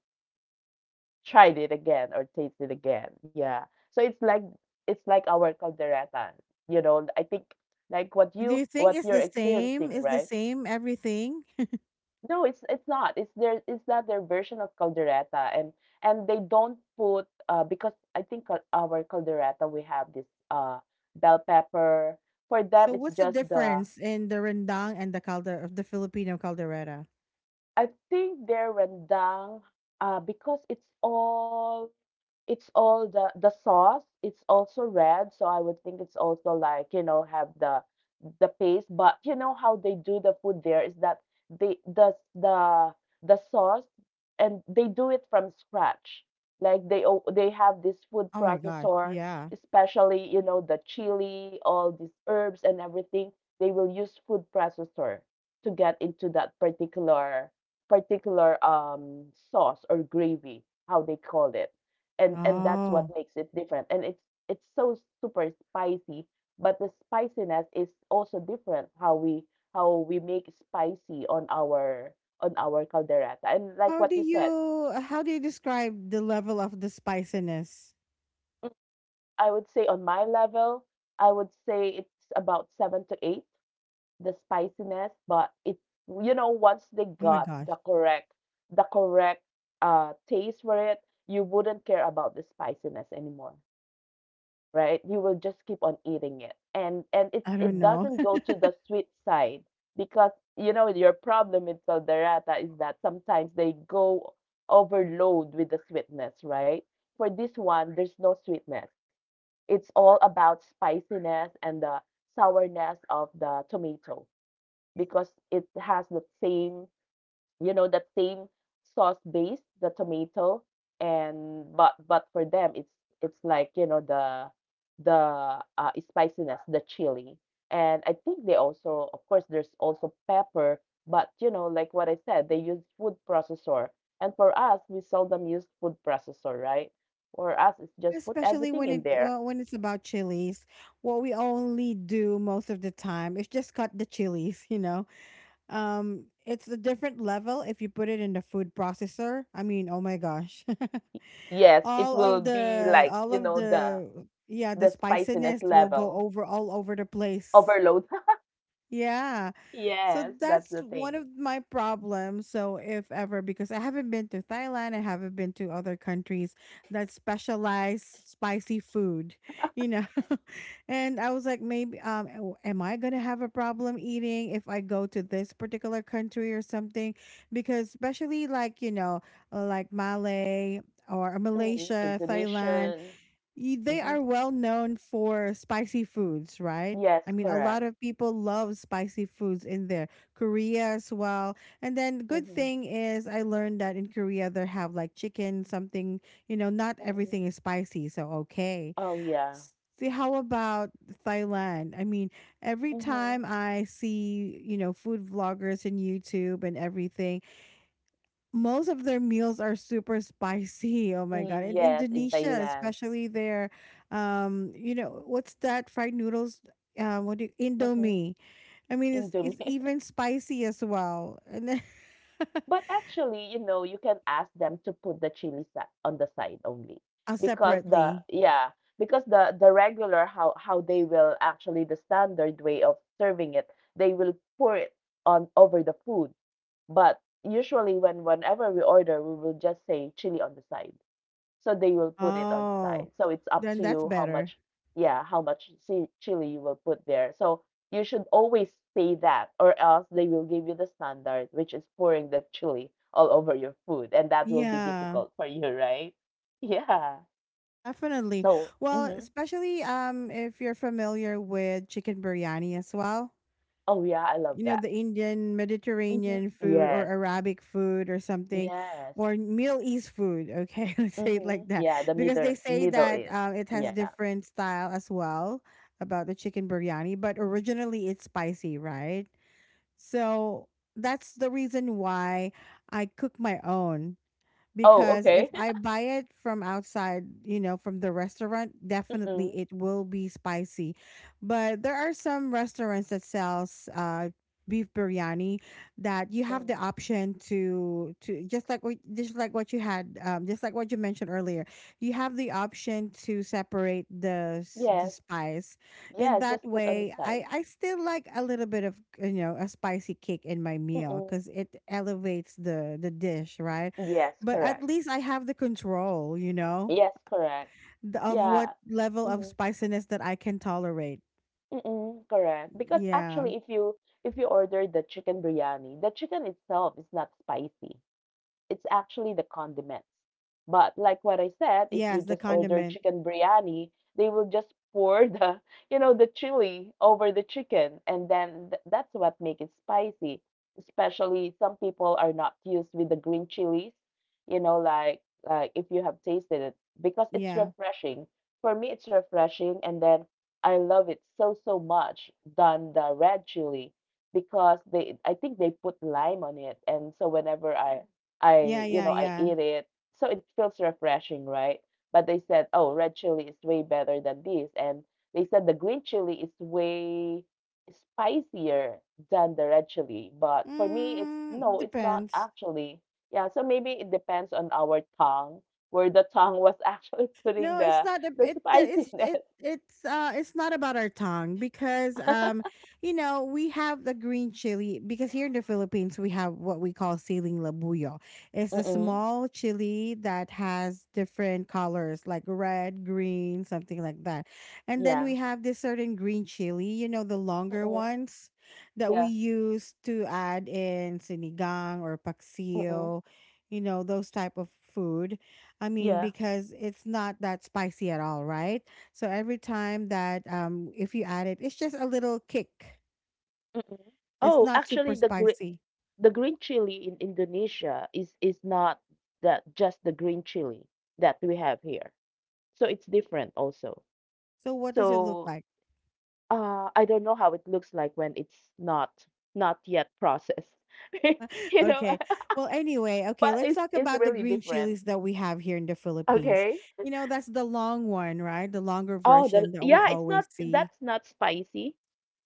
Speaker 2: tried it again or taste it again. Yeah. So it's like our caldereta, you know. I think like what
Speaker 1: Do
Speaker 2: you
Speaker 1: you think
Speaker 2: what
Speaker 1: it's
Speaker 2: you're
Speaker 1: the same?
Speaker 2: experiencing,
Speaker 1: Is the
Speaker 2: right?
Speaker 1: same everything?
Speaker 2: No, it's not. It's their it's not their version of caldereta, and they don't put because I think our caldereta we have this bell pepper. For them,
Speaker 1: So
Speaker 2: it's
Speaker 1: what's the
Speaker 2: just the
Speaker 1: difference in the rendang and the Filipino caldereta?
Speaker 2: I think their rendang because it's all It's all the sauce, it's also red, so I would think it's also like, you know, have the paste, but you know how they do the food there is that they the sauce and they do it from scratch. Like they they have this food
Speaker 1: Oh my gosh.
Speaker 2: processor,
Speaker 1: Yeah.
Speaker 2: especially, you know, the chili, all these herbs and everything, they will use food processor to get into that particular particular um sauce or gravy, how they call it and that's what
Speaker 1: Oh.
Speaker 2: makes it different and it's so super spicy but the spiciness is also different how we make spicy on our caldereta and like
Speaker 1: How
Speaker 2: what
Speaker 1: do
Speaker 2: you said.
Speaker 1: you how do you describe the level of the spiciness?
Speaker 2: mm, I would say on my level, I would say it's about 7 to 8, the spiciness, but it, you know, once they
Speaker 1: Oh my
Speaker 2: got the
Speaker 1: gosh.
Speaker 2: correct the correct taste for it, you wouldn't care about the spiciness anymore, right? You will just keep on eating it. And it
Speaker 1: I don't know.
Speaker 2: doesn't go to the sweet side because you know your problem with caldereta is that sometimes they go overload with the sweetness, right? For this one, there's no sweetness. It's all about spiciness and the sourness of the tomato because it has the same you know, that same sauce base, the tomato, and but for them it's like, you know, the the spiciness, the chili. And I think they also, of course, there's also pepper, but you know, like what I said, they use food processor. And for us, we seldom use food processor, right? For us, it's
Speaker 1: *laughs*
Speaker 2: just put
Speaker 1: Especially
Speaker 2: everything
Speaker 1: when it
Speaker 2: in there.
Speaker 1: uh, when it's about chilies, what we only do most of the time is just cut the chilies. It's a different level if you put it in the food processor. I mean, oh my gosh. *laughs*
Speaker 2: Yes, it will be like, you
Speaker 1: All of
Speaker 2: know,
Speaker 1: the Yeah,
Speaker 2: the
Speaker 1: the
Speaker 2: spiciness
Speaker 1: spiciness will go
Speaker 2: level
Speaker 1: over all over the place.
Speaker 2: overload. *laughs*
Speaker 1: Yeah. So
Speaker 2: Yes, that's the
Speaker 1: that's one
Speaker 2: thing.
Speaker 1: of my problems. So if ever, because I haven't been to Thailand, I haven't been to other countries that specialize spicy food, you know. *laughs* and I was like, maybe, am I gonna have a problem eating if I go to this particular country or something? Because especially, like, like,
Speaker 2: Mm,
Speaker 1: Malaysia, Thailand,
Speaker 2: Indonesian.
Speaker 1: they
Speaker 2: Mhm.
Speaker 1: are well known for spicy foods, right?
Speaker 2: Yes,
Speaker 1: I mean, a lot
Speaker 2: correct.
Speaker 1: of people love spicy foods in there, Korea as well. And then, good
Speaker 2: Mhm.
Speaker 1: thing is, I learned that in Korea they have, like, chicken, something, not
Speaker 2: Mhm.
Speaker 1: everything is spicy. So, okay.
Speaker 2: Oh, yeah.
Speaker 1: S- See, how about Thailand? I mean, every time
Speaker 2: Mhm.
Speaker 1: I see, food vloggers in YouTube and everything, most of their meals are super spicy. Oh my god. In
Speaker 2: Yes, in
Speaker 1: Indonesia,
Speaker 2: Thailand.
Speaker 1: especially their, what's that fried noodles? What do you,
Speaker 2: Mhm.
Speaker 1: Indomie? I mean, it's
Speaker 2: Indomie.
Speaker 1: it's even
Speaker 2: *laughs*
Speaker 1: spicy as well. And then, *laughs*
Speaker 2: But actually, you know, you can ask them to put the on the side only because the
Speaker 1: separately.
Speaker 2: yeah, because the regular how they will actually the standard way of serving it, they will pour it on over the food. But usually when whenever we order, we will just say chili on the side. So they will put it on
Speaker 1: Oh.
Speaker 2: side. So it's up
Speaker 1: Then
Speaker 2: to
Speaker 1: that's
Speaker 2: you how
Speaker 1: better.
Speaker 2: much, yeah, how much chili you will put there. So you should always say that, or else they will give you the standard, which is pouring the chili all over your food, and that will be
Speaker 1: Yeah.
Speaker 2: difficult for you, right? *laughs* Yeah.
Speaker 1: Definitely.
Speaker 2: So,
Speaker 1: Well,
Speaker 2: hmm,
Speaker 1: especially, if you're familiar with chicken biryani as well.
Speaker 2: oh yeah, I love that.
Speaker 1: The Indian
Speaker 2: Hmm,
Speaker 1: Mediterranean food or
Speaker 2: yes.
Speaker 1: Arabic food or something,
Speaker 2: Yes.
Speaker 1: or Middle East food. Okay, *laughs* let's say it
Speaker 2: Hmm,
Speaker 1: like that.
Speaker 2: yeah, the
Speaker 1: Because
Speaker 2: middle
Speaker 1: they say
Speaker 2: middle
Speaker 1: that,
Speaker 2: is.
Speaker 1: it has
Speaker 2: Yeah.
Speaker 1: different style as well about the chicken biryani, but originally it's spicy, right? So that's the reason why I cook my own,
Speaker 2: Oh,
Speaker 1: because
Speaker 2: okay.
Speaker 1: if I buy it from outside, from the restaurant,
Speaker 2: *laughs*
Speaker 1: definitely
Speaker 2: Mm-mm.
Speaker 1: it will be spicy. But there are some restaurants that sells, beef biryani, that you
Speaker 2: Mm.
Speaker 1: have the option to, just like what you had, just like what you mentioned earlier. You have the option to separate the s-
Speaker 2: Yes.
Speaker 1: the spice,
Speaker 2: Yes,
Speaker 1: and that
Speaker 2: just put on the
Speaker 1: way,
Speaker 2: side.
Speaker 1: I still like a little bit of, a spicy kick in my meal
Speaker 2: Mm-mm.
Speaker 1: because it elevates the dish, right?
Speaker 2: Yes,
Speaker 1: But at
Speaker 2: correct.
Speaker 1: least I have the control, you know,
Speaker 2: Yes, correct.
Speaker 1: the- of
Speaker 2: Yeah.
Speaker 1: what level of
Speaker 2: Mhm.
Speaker 1: spiciness that I can tolerate.
Speaker 2: Mm-mm, correct. Because
Speaker 1: Yeah.
Speaker 2: actually, if you order the chicken biryani, the chicken itself is not spicy. It's actually the condiments. But like what I said, if you
Speaker 1: Yes, the
Speaker 2: just order
Speaker 1: condiment.
Speaker 2: chicken biryani, they will just pour the, *laughs* you know, the chili over the chicken, and then that's what make it spicy. Especially some people are not used with the green chilies, you know, like if you have tasted it because it's
Speaker 1: Yeah.
Speaker 2: refreshing. For me, it's refreshing, and then I love it so much than the red chili because they I think they put lime on it, and so whenever
Speaker 1: Yeah,
Speaker 2: I, you
Speaker 1: yeah,
Speaker 2: know, I
Speaker 1: yeah.
Speaker 2: eat it. So it feels refreshing, right? But they said, oh, red chili is way better than this. And they said the green chili is way spicier than the red chili. But for me, it's
Speaker 1: Mm,
Speaker 2: no, it's not
Speaker 1: depends.
Speaker 2: actually. Yeah, so maybe it depends on our tongue, where the tongue was actually *laughs*
Speaker 1: No,
Speaker 2: putting
Speaker 1: it's not. ab-
Speaker 2: the
Speaker 1: It it's it
Speaker 2: spiciness.
Speaker 1: it's uh it's not about our tongue because,
Speaker 2: *laughs*
Speaker 1: we have the green chili because here in the Philippines we have what we call siling labuyo. It's the
Speaker 2: Mm-mm.
Speaker 1: small chili that has different colors like red, green, something like that. And then
Speaker 2: Yeah.
Speaker 1: we have this certain green chili, the longer
Speaker 2: Mm-mm.
Speaker 1: ones that we
Speaker 2: Yeah.
Speaker 1: use to add in sinigang or
Speaker 2: Mm-mm.
Speaker 1: paksiw, those type of food. I mean,
Speaker 2: Yeah.
Speaker 1: because it's not that spicy at all, right? So every time that, if you add it, it's just a little kick.
Speaker 2: Mm-mm.
Speaker 1: It's
Speaker 2: Oh,
Speaker 1: not
Speaker 2: actually,
Speaker 1: super
Speaker 2: the green,
Speaker 1: spicy.
Speaker 2: the green chili in Indonesia is not that just the green chili that we have here. So it's different also.
Speaker 1: So what does it look
Speaker 2: So
Speaker 1: like?
Speaker 2: I don't know how it looks like when it's not not yet processed. *laughs* You know,
Speaker 1: Okay. Well, anyway,
Speaker 2: *laughs*
Speaker 1: okay,
Speaker 2: but
Speaker 1: let's
Speaker 2: it's
Speaker 1: talk
Speaker 2: it's
Speaker 1: about the
Speaker 2: really
Speaker 1: green
Speaker 2: different.
Speaker 1: chilies that we have here in the Philippines.
Speaker 2: Okay.
Speaker 1: That's the long one, right? The longer
Speaker 2: Oh,
Speaker 1: version
Speaker 2: the
Speaker 1: that we
Speaker 2: yeah, it's
Speaker 1: always
Speaker 2: not
Speaker 1: see.
Speaker 2: that's not spicy.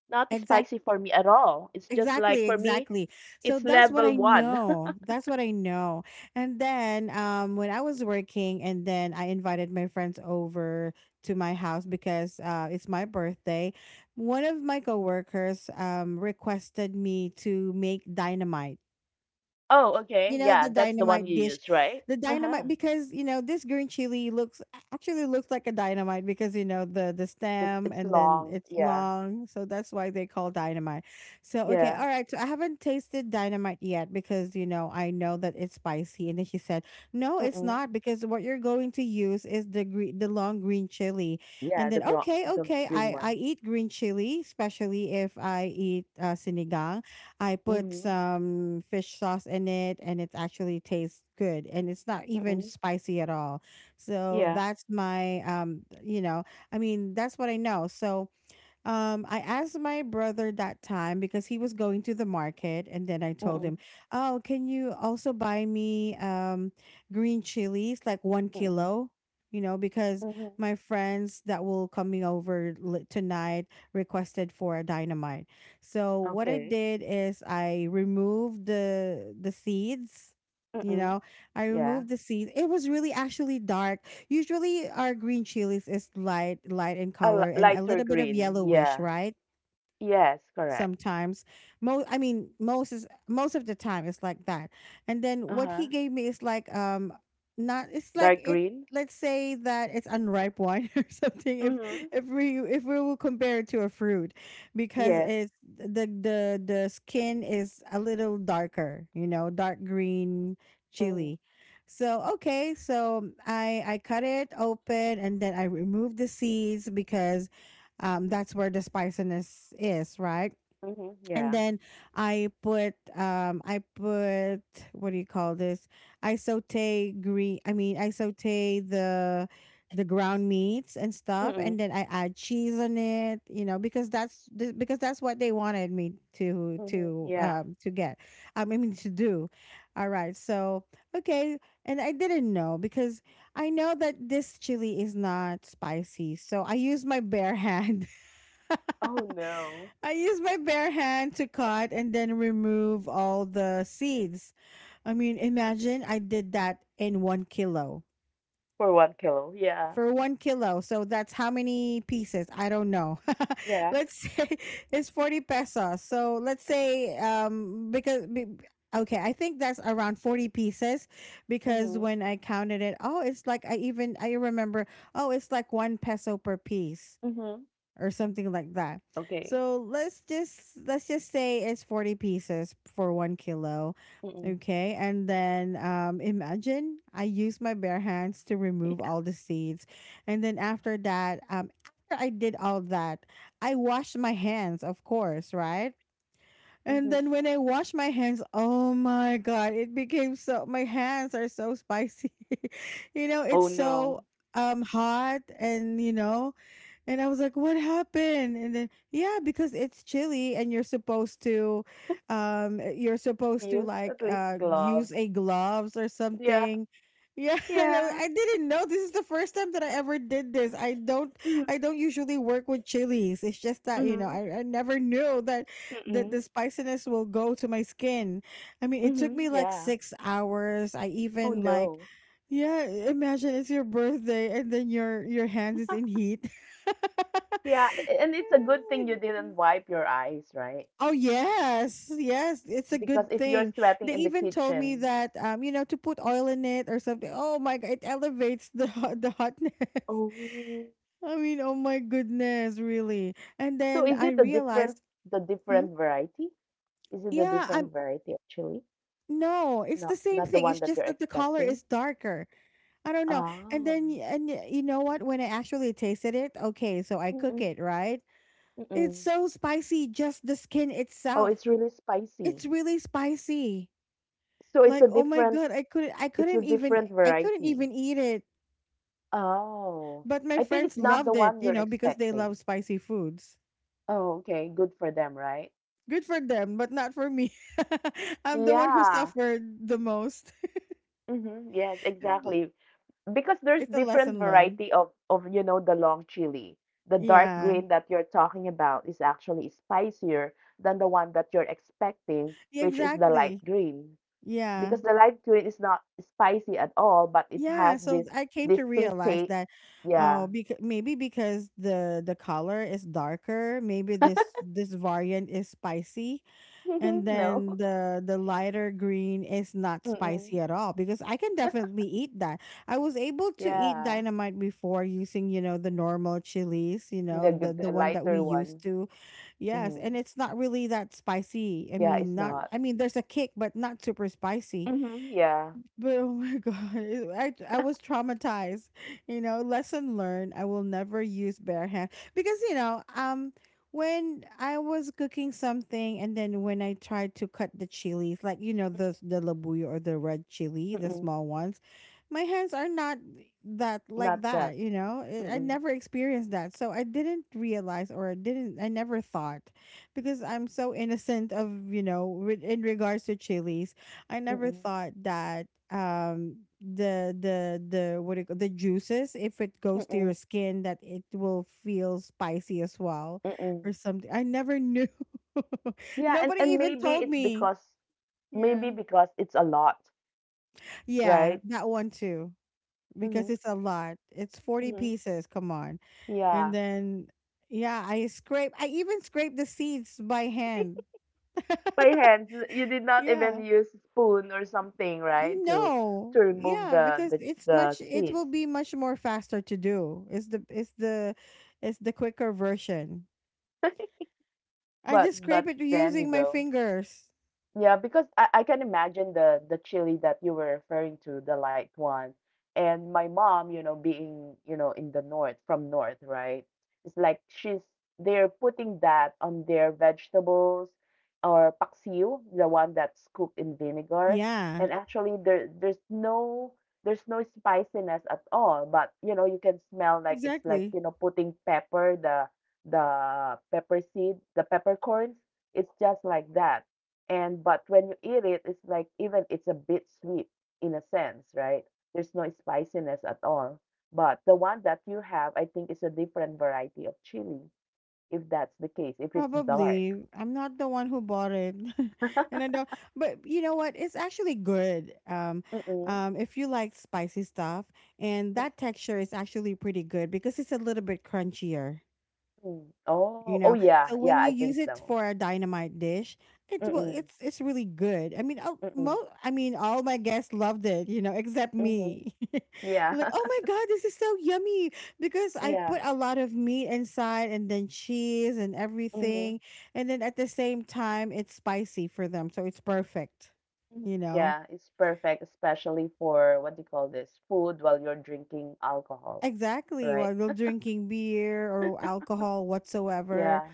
Speaker 2: Not spicy
Speaker 1: Exactly.
Speaker 2: for me at all. It's just like
Speaker 1: Exactly,
Speaker 2: for me,
Speaker 1: exactly. So
Speaker 2: it's
Speaker 1: that's what
Speaker 2: level
Speaker 1: I
Speaker 2: one. *laughs*
Speaker 1: know. That's what I know. And then, when I was working, and then I invited my friends over to my house because, it's my birthday, one of my coworkers, requested me to make dynamite.
Speaker 2: Oh, okay.
Speaker 1: The
Speaker 2: Yeah, that's the one
Speaker 1: dynamite
Speaker 2: you
Speaker 1: dish.
Speaker 2: use, right?
Speaker 1: The
Speaker 2: Uh-huh.
Speaker 1: dynamite, because, this green chili looks, actually looks like a dynamite because, the
Speaker 2: It's
Speaker 1: stem,
Speaker 2: it's
Speaker 1: and then
Speaker 2: long.
Speaker 1: it's
Speaker 2: Yeah.
Speaker 1: long, so that's why they call dynamite. So, okay, all
Speaker 2: Yeah.
Speaker 1: right, so I haven't tasted dynamite yet because, I know that it's spicy. And then she said, no, it's
Speaker 2: Mm-mm.
Speaker 1: not, because what you're going to use is the green the long green chili. And
Speaker 2: Yeah,
Speaker 1: then,
Speaker 2: the gro
Speaker 1: okay,
Speaker 2: the
Speaker 1: okay, i
Speaker 2: green
Speaker 1: i
Speaker 2: one.
Speaker 1: eat green chili, especially if I eat, sinigang. I put
Speaker 2: Mhm.
Speaker 1: some fish sauce in it and it actually tastes good and it's not even
Speaker 2: Mm-mm.
Speaker 1: spicy at all. So
Speaker 2: Yeah.
Speaker 1: that's my, I mean, that's what I know. So, I asked my brother that time because he was going to the market, and then I told him,
Speaker 2: Mm-mm.
Speaker 1: "Oh, can you also buy me, green chilies, like one
Speaker 2: Mm-mm.
Speaker 1: kilo?" Because
Speaker 2: Mhm.
Speaker 1: my friends that will coming over, tonight, requested for a dynamite. So what I
Speaker 2: Okay.
Speaker 1: did is I removed the seeds. You
Speaker 2: Mm-mm.
Speaker 1: know, I
Speaker 2: Yeah.
Speaker 1: removed the seeds. It was really actually dark. Usually, our green chilies is light, light in
Speaker 2: A
Speaker 1: color, and a
Speaker 2: lighter
Speaker 1: little bit of
Speaker 2: green.
Speaker 1: yellowish,
Speaker 2: Yeah.
Speaker 1: right?
Speaker 2: Yes, correct.
Speaker 1: Sometimes, most I mean, most of the time it's like that. And then what he
Speaker 2: Uh-huh.
Speaker 1: gave me is like, not, it's like
Speaker 2: Dark
Speaker 1: it
Speaker 2: green.
Speaker 1: let's say that it's unripe wine, *laughs* or something, if
Speaker 2: Mm-hmm.
Speaker 1: if we if we will compare it to a fruit, because
Speaker 2: Yes.
Speaker 1: it's the skin is a little darker, dark green
Speaker 2: Mm-hmm.
Speaker 1: chili. So, okay, so I cut it open and then I remove the seeds because, that's where the spiciness is, right?
Speaker 2: Mm-hmm.
Speaker 1: And
Speaker 2: Yeah.
Speaker 1: then I put, what do you call this? I saute green I mean, I saute the ground meats and stuff,
Speaker 2: Mm-mm.
Speaker 1: and then I add cheese on it, because that's what they wanted me to
Speaker 2: Mm-hmm.
Speaker 1: to
Speaker 2: Yeah.
Speaker 1: um to get. I mean, to do. All right. So, okay, and I didn't know, because I know that this chili is not spicy. So, I use my bare hand.
Speaker 2: Oh
Speaker 1: *laughs*
Speaker 2: no.
Speaker 1: I use my bare hand to cut and then remove all the seeds. I mean, imagine I did that in 1 kilo.
Speaker 2: For one kilo. Yeah.
Speaker 1: For 1 kilo. So that's how many pieces? I don't know. *laughs*
Speaker 2: Yeah.
Speaker 1: Let's say it's 40 pesos. So let's say, okay, I think that's around 40 pieces because
Speaker 2: Mm-hmm.
Speaker 1: when I counted it, oh, it's like I remember, oh, it's like one peso per piece
Speaker 2: Mm-hmm.
Speaker 1: or something like that.
Speaker 2: Okay.
Speaker 1: So let's just say it's 40 pieces for 1 kilo.
Speaker 2: Mm-mm. *laughs*
Speaker 1: Okay, and then imagine I use my bare hands to remove
Speaker 2: Yeah.
Speaker 1: all the seeds, and then after that, after I did all that, I washed my hands, of course, right? And
Speaker 2: Mm-hmm.
Speaker 1: then when I wash my hands, oh my god, it became so my hands are so spicy. *laughs* You know,
Speaker 2: Oh
Speaker 1: it's so
Speaker 2: no.
Speaker 1: hot, and you know, and I was like, what happened? And then, yeah, because it's chilly and you're supposed to
Speaker 2: Use at least
Speaker 1: use
Speaker 2: gloves.
Speaker 1: a gloves or
Speaker 2: Yeah.
Speaker 1: something. Yeah, *laughs* and I
Speaker 2: Yeah.
Speaker 1: I didn't know. This is the first time that I ever did this.
Speaker 2: Mhm,
Speaker 1: I don't usually work with chilies. It's just that, you know,
Speaker 2: mhm,
Speaker 1: I never knew that
Speaker 2: mm-mm,
Speaker 1: the spiciness will go to my skin. I mean, it took me
Speaker 2: mhm,
Speaker 1: like
Speaker 2: yeah.
Speaker 1: 6 hours.
Speaker 2: Oh, no.
Speaker 1: Yeah, imagine it's your birthday and then your hands is in
Speaker 2: *laughs*
Speaker 1: heat.
Speaker 2: Yeah, and it's a good thing you didn't wipe your eyes, right?
Speaker 1: Oh yes, yes, it's a good
Speaker 2: Because if you're
Speaker 1: thing. They
Speaker 2: sweating in the
Speaker 1: even told me
Speaker 2: kitchen.
Speaker 1: that, you know, to put oil in it or something. Oh my god, it elevates the the hotness.
Speaker 2: Oh.
Speaker 1: *laughs* I mean, oh my goodness, really. And
Speaker 2: So
Speaker 1: then
Speaker 2: is
Speaker 1: I
Speaker 2: it a
Speaker 1: realized,
Speaker 2: different the
Speaker 1: hmm,
Speaker 2: different variety? Is it a
Speaker 1: yeah, I'm
Speaker 2: different variety of chili?
Speaker 1: no, it's the
Speaker 2: Not
Speaker 1: same
Speaker 2: not the
Speaker 1: thing. It's
Speaker 2: one that
Speaker 1: just
Speaker 2: you're
Speaker 1: that the color is
Speaker 2: expecting?
Speaker 1: darker. I don't know. And
Speaker 2: Oh.
Speaker 1: then you know what? When I actually tasted it, okay, so I
Speaker 2: Mm-mm,
Speaker 1: cook it, right.
Speaker 2: mm-mm.
Speaker 1: It's so spicy, just the skin
Speaker 2: Oh, it's
Speaker 1: itself.
Speaker 2: really spicy.
Speaker 1: It's really spicy.
Speaker 2: So
Speaker 1: Like, oh my god,
Speaker 2: it's a different
Speaker 1: I couldn't
Speaker 2: variety.
Speaker 1: even eat it.
Speaker 2: Oh,
Speaker 1: But my
Speaker 2: I think it's
Speaker 1: friends
Speaker 2: not the
Speaker 1: loved it,
Speaker 2: one
Speaker 1: you
Speaker 2: you're
Speaker 1: know, because they
Speaker 2: expecting.
Speaker 1: love spicy foods.
Speaker 2: Oh, okay. Good for them, right?
Speaker 1: Good for them, but not for me. *laughs* I'm the one who
Speaker 2: Yeah.
Speaker 1: suffered the most.
Speaker 2: Hmm, yes,
Speaker 1: *laughs*
Speaker 2: exactly. Because there's
Speaker 1: It's a
Speaker 2: different
Speaker 1: lesson learned.
Speaker 2: variety of you know the long chili. The dark
Speaker 1: Yeah.
Speaker 2: green that you're talking about is actually spicier than the one that you're expecting,
Speaker 1: Yeah,
Speaker 2: which is the light
Speaker 1: exactly.
Speaker 2: green.
Speaker 1: Yeah.
Speaker 2: Because the light green is not spicy at all, but it
Speaker 1: Yeah,
Speaker 2: has
Speaker 1: so
Speaker 2: this
Speaker 1: I came to
Speaker 2: distinct
Speaker 1: realize
Speaker 2: taste.
Speaker 1: that, oh,
Speaker 2: Yeah.
Speaker 1: because maybe because the color is darker, maybe this variant is spicy, and
Speaker 2: *laughs*
Speaker 1: then
Speaker 2: No.
Speaker 1: the lighter green is not
Speaker 2: Mm-mm.
Speaker 1: spicy at all because I can definitely eat that. I was able to eat
Speaker 2: Yeah.
Speaker 1: dynamite before using, you know, the normal chilies, you
Speaker 2: The
Speaker 1: know,
Speaker 2: g
Speaker 1: the
Speaker 2: the
Speaker 1: one that we
Speaker 2: lighter
Speaker 1: used
Speaker 2: one.
Speaker 1: to. Yes,
Speaker 2: Mhm.
Speaker 1: and it's not really that spicy. I
Speaker 2: Yeah, it's
Speaker 1: mean, not
Speaker 2: not.
Speaker 1: I mean, there's a kick but not super spicy.
Speaker 2: Mhm, yeah.
Speaker 1: But oh my *laughs* god, I was traumatized. You know, lesson learned. I will never use bare hand because, you know, when I was cooking something and then when I tried to cut the chilies, like, you know, the labuyo or the red chili, the
Speaker 2: Mm-mm,
Speaker 1: small ones, my hands are not that,
Speaker 2: not
Speaker 1: like
Speaker 2: that.
Speaker 1: that. You know, I
Speaker 2: Mm-mm,
Speaker 1: never experienced that, so I didn't. I never thought, because I'm so innocent of, you know, in regards to chilies, I never
Speaker 2: mm-mm,
Speaker 1: thought that the what do you call the juices, if it goes to your
Speaker 2: mm-mm,
Speaker 1: skin, that it will feel spicy as well
Speaker 2: mm-mm.
Speaker 1: or something. I never knew. *laughs*
Speaker 2: Yeah, and
Speaker 1: Nobody even
Speaker 2: maybe
Speaker 1: told
Speaker 2: it's
Speaker 1: me.
Speaker 2: because maybe
Speaker 1: Yeah.
Speaker 2: because it's a lot,
Speaker 1: Yeah,
Speaker 2: right?
Speaker 1: that one too, because
Speaker 2: Mhm,
Speaker 1: it's a lot. It's 40
Speaker 2: mhm.
Speaker 1: pieces, come on. And
Speaker 2: Yeah.
Speaker 1: then yeah, I even scrape the seeds by hand.
Speaker 2: *laughs* By hands, you did not
Speaker 1: Yeah.
Speaker 2: even use spoon or something, right?
Speaker 1: You know,
Speaker 2: To remove
Speaker 1: yeah,
Speaker 2: the
Speaker 1: because it's
Speaker 2: the
Speaker 1: much. It
Speaker 2: seeds.
Speaker 1: will be much more faster to do. It's the quicker version.
Speaker 2: *laughs*
Speaker 1: I
Speaker 2: But
Speaker 1: just
Speaker 2: but
Speaker 1: scrape it
Speaker 2: then you
Speaker 1: using my
Speaker 2: go.
Speaker 1: fingers.
Speaker 2: Yeah, because I can imagine the chili that you were referring to, the light one. And my mom, you know, being, you know, in the north, from north, right? It's like she's they're putting that on their vegetables or paksiw, the one that's cooked in vinegar. And
Speaker 1: Yeah,
Speaker 2: actually there there's no spiciness at all, but you know, you can smell like it's like,
Speaker 1: exactly.
Speaker 2: you know, putting pepper, the pepper seed, the peppercorns. It's just like that and but when you eat it, it's like even it's a bit sweet in a sense, right? There's no spiciness at all. But the one that you have, I think, is a different variety of chili, if that's the case, if it's dark.
Speaker 1: Probably, I'm not the one who bought it,
Speaker 2: *laughs*
Speaker 1: *laughs* and I don't. But you know what? It's actually good.
Speaker 2: Mm-mm.
Speaker 1: If you like spicy stuff, and that texture is actually pretty good because it's a little bit crunchier.
Speaker 2: Mm. Oh,
Speaker 1: You
Speaker 2: oh
Speaker 1: know,
Speaker 2: yeah,
Speaker 1: so
Speaker 2: yeah, I
Speaker 1: when you
Speaker 2: think
Speaker 1: use it
Speaker 2: so.
Speaker 1: for a dynamite dish,
Speaker 2: Mm-mm.
Speaker 1: it's really good. I mean,
Speaker 2: Mm-mm.
Speaker 1: I mean, all my guests loved it, you know, except
Speaker 2: Mm-hmm.
Speaker 1: me. *laughs*
Speaker 2: Yeah.
Speaker 1: Like, oh
Speaker 2: *laughs*
Speaker 1: my god, this is so yummy, because I
Speaker 2: Yeah.
Speaker 1: put a lot of meat inside and then cheese and
Speaker 2: Mm-hmm. Mm-hmm.
Speaker 1: everything, and then at the same time it's spicy for them, so it's perfect, you know.
Speaker 2: Yeah, it's perfect, especially for what do you call this? Food while you're drinking alcohol,
Speaker 1: Exactly,
Speaker 2: right?
Speaker 1: while you're drinking beer or alcohol
Speaker 2: *laughs*
Speaker 1: whatsoever.
Speaker 2: Yeah.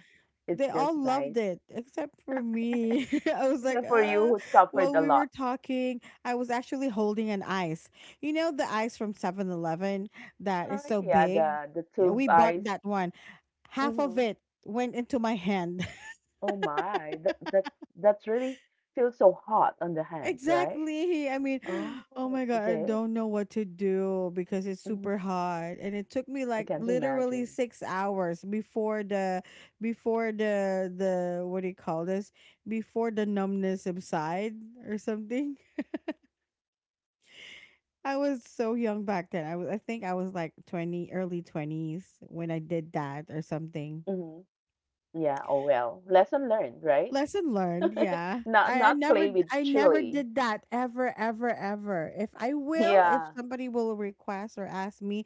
Speaker 2: It's
Speaker 1: They all
Speaker 2: just
Speaker 1: loved
Speaker 2: nice.
Speaker 1: it except for me. *laughs* I was like,
Speaker 2: Except for you who
Speaker 1: while
Speaker 2: suffered a
Speaker 1: we were
Speaker 2: lot.
Speaker 1: talking, I was actually holding an ice. You know, the ice from 7-Eleven that is so
Speaker 2: Yeah,
Speaker 1: big?
Speaker 2: the
Speaker 1: Yeah,
Speaker 2: tube
Speaker 1: we bought
Speaker 2: ice.
Speaker 1: that one. Half of
Speaker 2: Hmm.
Speaker 1: it went into my hand.
Speaker 2: Oh my, that that really feels so hot on the hands, right?
Speaker 1: Exactly. I mean,
Speaker 2: Oh,
Speaker 1: *gasps* oh my god, I
Speaker 2: okay.
Speaker 1: don't know what to do because it's super
Speaker 2: Hmm.
Speaker 1: hot, and it took me
Speaker 2: I
Speaker 1: like
Speaker 2: can't
Speaker 1: literally
Speaker 2: imagine.
Speaker 1: 6 hours before the what do you call this? Before the numbness subside or something. *laughs* I was so young back then. I think I was like 20, early 20s, when I did that or something.
Speaker 2: Hmm. Yeah. Oh well, lesson learned, right?
Speaker 1: Lesson learned,
Speaker 2: *laughs*
Speaker 1: yeah.
Speaker 2: Not not play with
Speaker 1: I never
Speaker 2: chili.
Speaker 1: did that ever, ever, ever. If I will,
Speaker 2: Yeah.
Speaker 1: if somebody will request or ask me,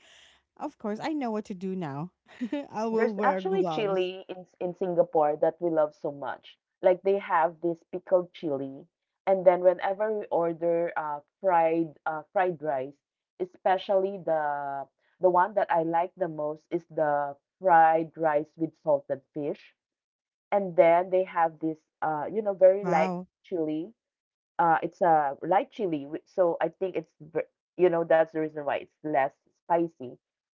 Speaker 1: of course I know what to do now. *laughs* I
Speaker 2: There's
Speaker 1: will wear
Speaker 2: actually
Speaker 1: gloves.
Speaker 2: chili in S in Singapore that we love so much. Like, they have this pickled chili, and then whenever we order, fried, fried rice, especially the one that I like the most is the fried rice with salted fish. And then they have this, you know, very light
Speaker 1: Wow.
Speaker 2: chili. It's a light chili, so I think it's, you know, that's the reason why it's less spicy.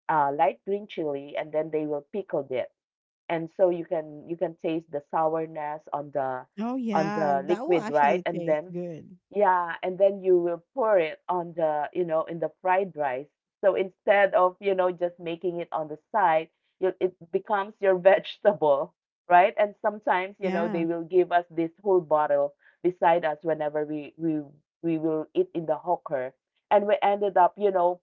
Speaker 2: Light green chili, and then they will pickle it, and so you can taste the sourness
Speaker 1: Oh
Speaker 2: on
Speaker 1: yeah,
Speaker 2: the
Speaker 1: that will
Speaker 2: liquid, right?
Speaker 1: actually
Speaker 2: And
Speaker 1: taste
Speaker 2: then
Speaker 1: good.
Speaker 2: yeah, and then you will pour it on the, you know, in the fried rice. So instead of, you know, just making it on the side, you, it becomes your *laughs* vegetable, right? And sometimes, you know, they
Speaker 1: Yeah.
Speaker 2: will give us this whole bottle beside us whenever we will eat in the hawker, and we ended up, you know,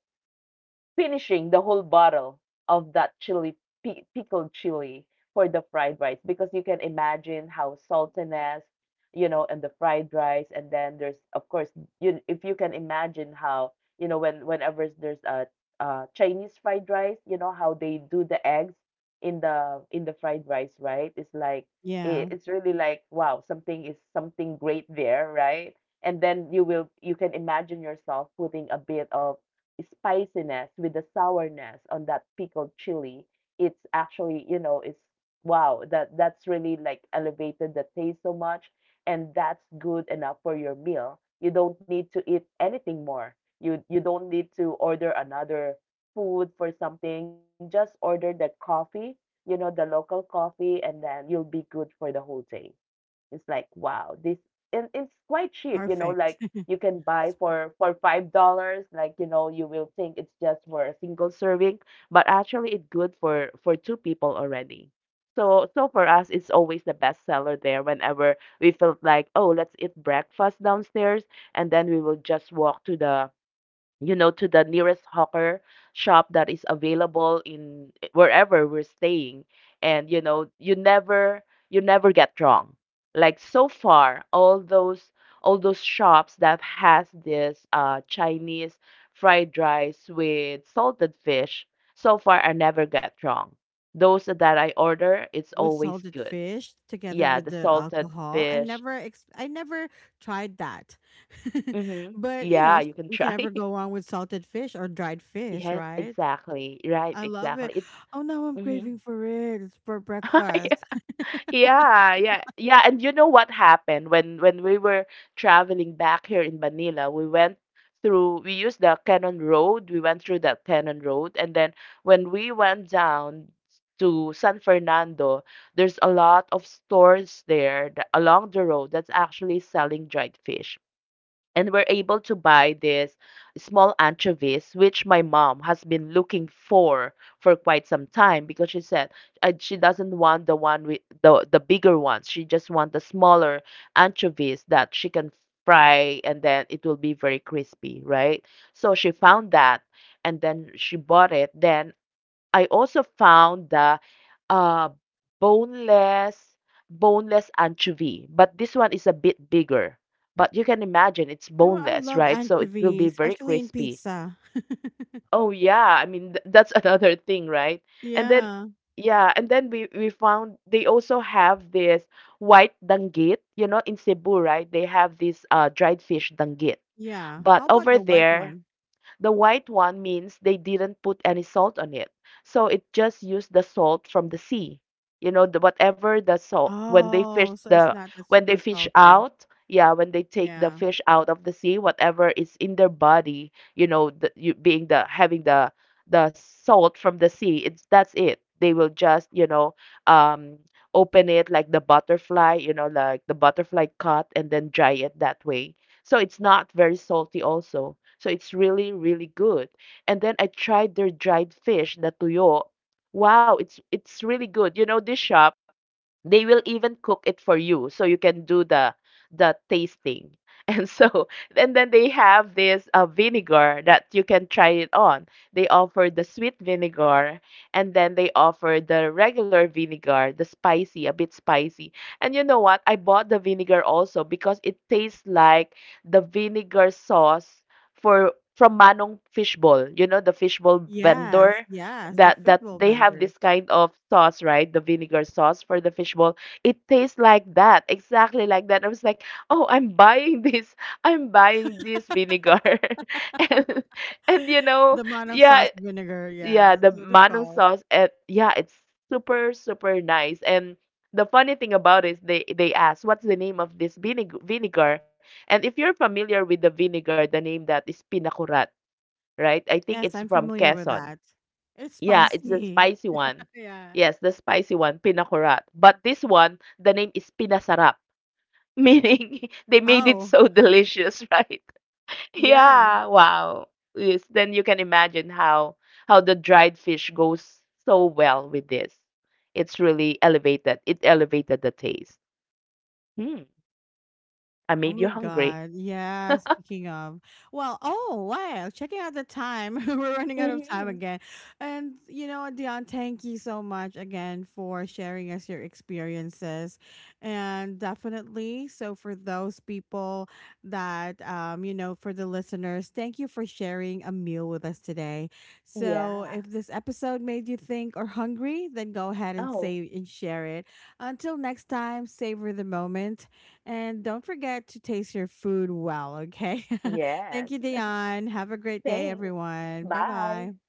Speaker 2: finishing the whole bottle of that chili, pickled chili for the fried rice, because you can imagine how saltiness, you know, and the fried rice, and then there's, of course, you, if you can imagine how, you know, when whenever there's a Chinese fried rice, you know how they do the eggs in the fried rice, right? It's like it,
Speaker 1: Yeah.
Speaker 2: it's really like wow, something is something great there, right? And then you will, you can imagine yourself putting a bit of spiciness with the sourness on that pickled chili, it's actually, you know, it's wow, that's really like elevated the taste so much, and that's good enough for your meal. You don't need to eat anything more. You don't need to order another food for something. Just order that coffee, you know, the local coffee, and then you'll be good for the whole day. It's like, wow, this, and it's quite cheap, you know,
Speaker 1: Perfect.
Speaker 2: like
Speaker 1: *laughs*
Speaker 2: you can buy
Speaker 1: S-
Speaker 2: for $5, like, you know, you will think it's just for a single serving, but actually it's good for two people already. So so for us, it's always the best seller there whenever we felt like, oh, let's eat breakfast downstairs, and then we will just walk to the, you know, to the nearest hawker shop that is available in eh, wherever we're staying. And you know, you never, you never get wrong. Like so far, all those shops that has this Chinese fried rice with salted fish, so far I never get wrong. Those that I order, it's
Speaker 1: with
Speaker 2: always
Speaker 1: salted
Speaker 2: good.
Speaker 1: fish together
Speaker 2: Yeah,
Speaker 1: with
Speaker 2: the
Speaker 1: the
Speaker 2: salted
Speaker 1: alcohol.
Speaker 2: fish.
Speaker 1: I never tried that. *laughs*
Speaker 2: Mm-hmm.
Speaker 1: But, you know,
Speaker 2: Yeah,
Speaker 1: s-
Speaker 2: you can
Speaker 1: you can
Speaker 2: try.
Speaker 1: never
Speaker 2: *laughs*
Speaker 1: go wrong with salted fish or dried fish,
Speaker 2: Yes,
Speaker 1: right?
Speaker 2: exactly. Right,
Speaker 1: I love it.
Speaker 2: exactly. It's
Speaker 1: Oh, now I'm
Speaker 2: Mhm.
Speaker 1: craving for it. It's for breakfast.
Speaker 2: *laughs*
Speaker 1: *laughs*
Speaker 2: Yeah, yeah, yeah. And you know what happened when we were traveling back here in Manila? We went through. We used the Cannon Road. We went through the Cannon Road, and then when we went down to San Fernando, there's a lot of stores there that, along the road, that's actually selling dried fish, and we're able to buy this small anchovies which my mom has been looking for quite some time, because she said she doesn't want the one with the bigger ones, she just wants the smaller anchovies that she can fry and then it will be very crispy, right? So she found that and then she bought it. Then I also found the uh, boneless, anchovy, but this one is a bit bigger. But you can imagine it's
Speaker 1: You know what? I
Speaker 2: boneless,
Speaker 1: love
Speaker 2: right? So it will
Speaker 1: anchovy,
Speaker 2: be very
Speaker 1: especially in
Speaker 2: crispy.
Speaker 1: pizza. *laughs*
Speaker 2: Oh yeah, I mean that's *laughs* another thing, right? And then
Speaker 1: Yeah,
Speaker 2: yeah, and then we found they also have this white danggit, you know, in Cebu, right? They have this dried fish danggit.
Speaker 1: yeah.
Speaker 2: But
Speaker 1: How about
Speaker 2: over
Speaker 1: the white
Speaker 2: there,
Speaker 1: one?
Speaker 2: the white one means they didn't put any salt on it. So it just used the salt from the sea. You know, the, whatever the salt when they fish
Speaker 1: Oh, so it's
Speaker 2: the
Speaker 1: not that
Speaker 2: when they
Speaker 1: super
Speaker 2: fish
Speaker 1: salty.
Speaker 2: out, yeah, when they take the
Speaker 1: Yeah.
Speaker 2: fish out of the sea, whatever is in their body, you know, the, you, being the, having the salt from the sea, it's that's it. They will just, you know, um open it like the butterfly, you know, like the butterfly cut, and then dry it that way. So it's not very salty also. So it's really, really good. And then I tried their dried fish, the tuyo. Wow, it's really good. You know, this shop, they will even cook it for you so you can do the tasting. *laughs* And so, and then they have this vinegar that you can try it on. They offer the sweet vinegar, and then they offer the regular vinegar, the spicy, a bit spicy. And you know what? I bought the vinegar also because it tastes like the vinegar sauce for from Manong Fishbowl, you know, the fishbowl
Speaker 1: Yes,
Speaker 2: vendor,
Speaker 1: yes, the
Speaker 2: that that
Speaker 1: fishbowl
Speaker 2: they have
Speaker 1: vendors.
Speaker 2: this kind of sauce, right? The vinegar sauce for the fishbowl. It tastes like that, exactly like that. I was like, oh, I'm buying *laughs* this. I'm buying this vinegar, *laughs* and and you know,
Speaker 1: The manang
Speaker 2: yeah,
Speaker 1: sauce vinegar,
Speaker 2: yeah,
Speaker 1: yeah,
Speaker 2: the
Speaker 1: that's what they
Speaker 2: manong
Speaker 1: call.
Speaker 2: sauce. And yeah, it's super super nice. And the funny thing about it is they ask what's the name of this vinegar. And if you're familiar with the vinegar, the name that is pinakurat, right? I think
Speaker 1: Yes,
Speaker 2: it's
Speaker 1: I'm
Speaker 2: from
Speaker 1: familiar with
Speaker 2: Quezon.
Speaker 1: that. It's
Speaker 2: Yeah, it's the
Speaker 1: spicy.
Speaker 2: spicy
Speaker 1: *laughs*
Speaker 2: one.
Speaker 1: Yeah.
Speaker 2: Yes, the spicy one, pinakurat. But this one, the name is pinasarap, *laughs* meaning they made it
Speaker 1: Oh,
Speaker 2: so delicious, right? *laughs*
Speaker 1: yeah.
Speaker 2: Yeah, wow. Yes, then you can imagine how the dried fish goes so well with this. It's really elevated. It elevated the taste. Hmm, I
Speaker 1: Oh
Speaker 2: made you
Speaker 1: my
Speaker 2: hungry.
Speaker 1: God. Yeah. Speaking of, well, oh, wow. Checking out the time. *laughs* We're running out of time
Speaker 2: Hmm.
Speaker 1: again. And, you know, Dion, thank you so much again for sharing us your experiences. And definitely, so for those people that, you know, for the listeners, thank you for sharing a meal with us today. So if
Speaker 2: Yeah.
Speaker 1: this episode made you think or hungry, then go ahead and save
Speaker 2: Oh,
Speaker 1: and share it. Until next time, savor the moment and don't forget to taste your food well, okay? *laughs* Thank you,
Speaker 2: yes. *laughs*
Speaker 1: Dion. Have a great day,
Speaker 2: Thanks.
Speaker 1: everyone. Bye bye.
Speaker 2: Bye.